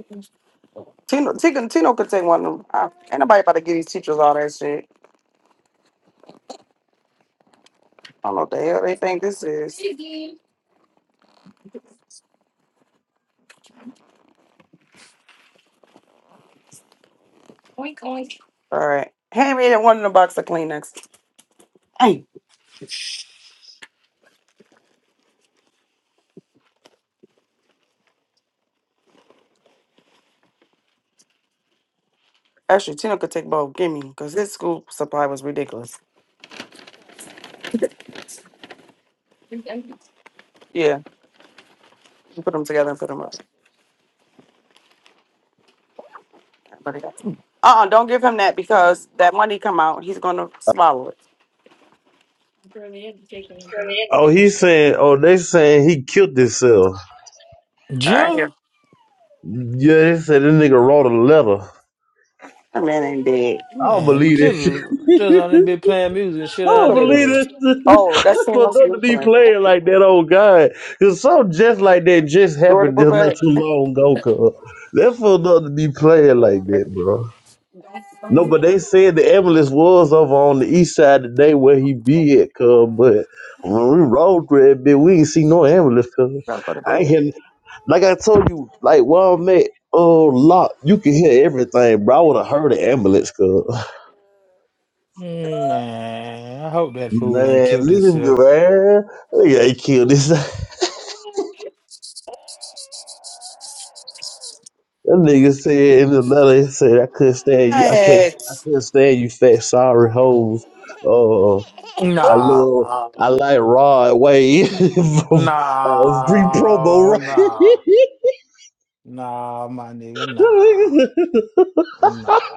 Speaker 1: Tino, Tino, Tino could take one of them. I, ain't nobody about to give these teachers all that shit. I don't know what the hell they think this is. Oink, oink. All right. Hand me that one in the box of Kleenex. Hey, actually, Tino could take both. Give me, because his school supply was ridiculous. Yeah, you put them together and put them up. Everybody got- some. Uh-uh, don't give him that because that money come out, he's going to swallow it. Bro, they didn't take anything.
Speaker 2: Oh, he's saying, oh, they saying he killed himself.
Speaker 1: I am.
Speaker 2: Yeah, they said this nigga wrote a letter.
Speaker 1: That man ain't dead.
Speaker 2: I don't
Speaker 10: Man,
Speaker 2: believe that
Speaker 10: just
Speaker 2: shit.
Speaker 10: just only been playing music and
Speaker 2: I
Speaker 10: shit all
Speaker 2: don't
Speaker 10: day
Speaker 2: believe
Speaker 10: today.
Speaker 2: this.
Speaker 1: Oh, that's saying
Speaker 2: But
Speaker 1: those
Speaker 2: do to
Speaker 1: new
Speaker 2: be
Speaker 1: friends.
Speaker 2: playing like that, oh God. Cause something just like that just
Speaker 1: Jordan,
Speaker 2: happened
Speaker 1: put
Speaker 2: just not
Speaker 1: back.
Speaker 2: too long ago, cuz. That fool not to be playing
Speaker 1: Got
Speaker 2: like that, bro. No, but
Speaker 1: to
Speaker 2: they said the ambulance was over on the east side today where he be at, cuz. But when we rode through that bit, we ain't see no ambulance, cuz.
Speaker 1: go to
Speaker 2: I ain't
Speaker 1: bed.
Speaker 2: hear, like I told you, like where I'm at, oh, lock, you can hear everything, bro. I would have heard the ambulance, cuz.
Speaker 10: Man, I hope that fool ain't
Speaker 2: Man,
Speaker 10: killed
Speaker 2: nigga,
Speaker 10: himself.
Speaker 2: man, nigga ain't killed this. That nigga said in the letter, he said, I couldn't stand you, I can't, I
Speaker 1: What?
Speaker 2: couldn't stand you fat, sorry hoes. Uh, I
Speaker 10: Nah,
Speaker 2: love I like Rod Wave. of, of free promo,
Speaker 10: nah,
Speaker 2: right?
Speaker 10: nah, nah, my nigga, nah, nah.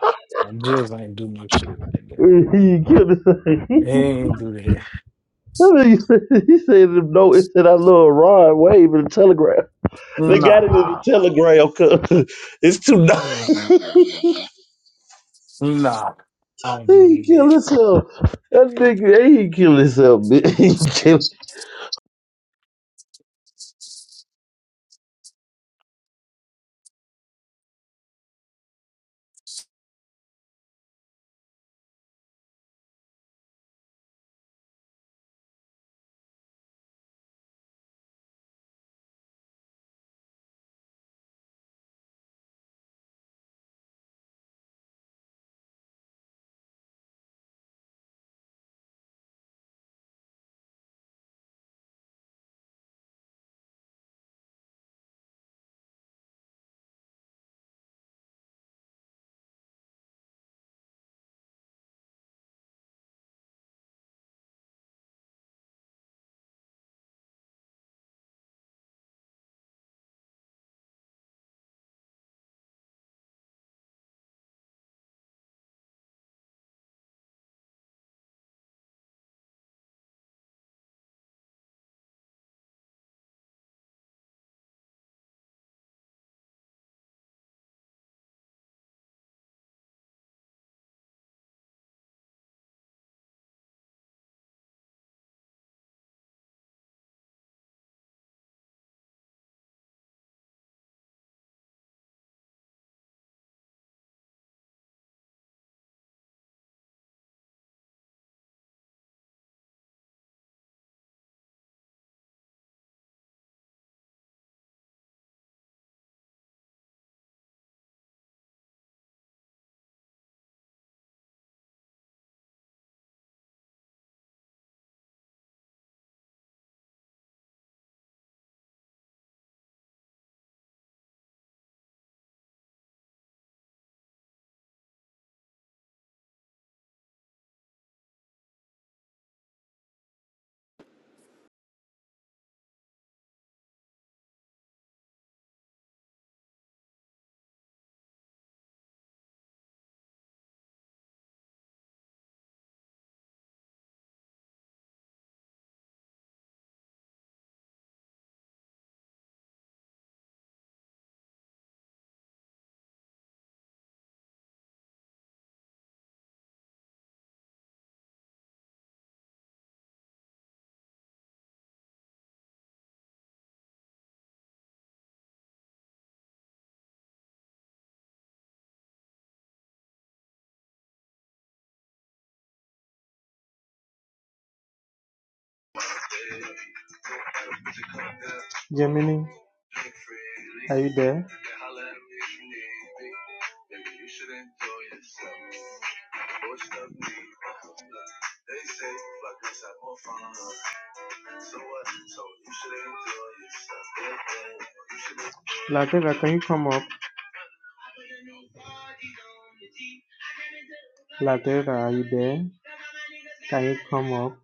Speaker 10: I ain't do no shit like that.
Speaker 2: he killed it.
Speaker 10: He ain't do that.
Speaker 2: I think he said, he said no. It said I love Rod Wave in the Telegram. They got it in the
Speaker 10: Nah,
Speaker 2: Telegram, cause It's too nice. he
Speaker 10: nah. I don't believe that.
Speaker 2: killed himself. That nigga, he killed himself. bitch. He killed-
Speaker 6: Gemini, are you there? Latera, can you come up? Latera, are you there? Can you come up?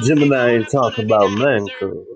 Speaker 2: Gemini ain't talking about nothing. cuz.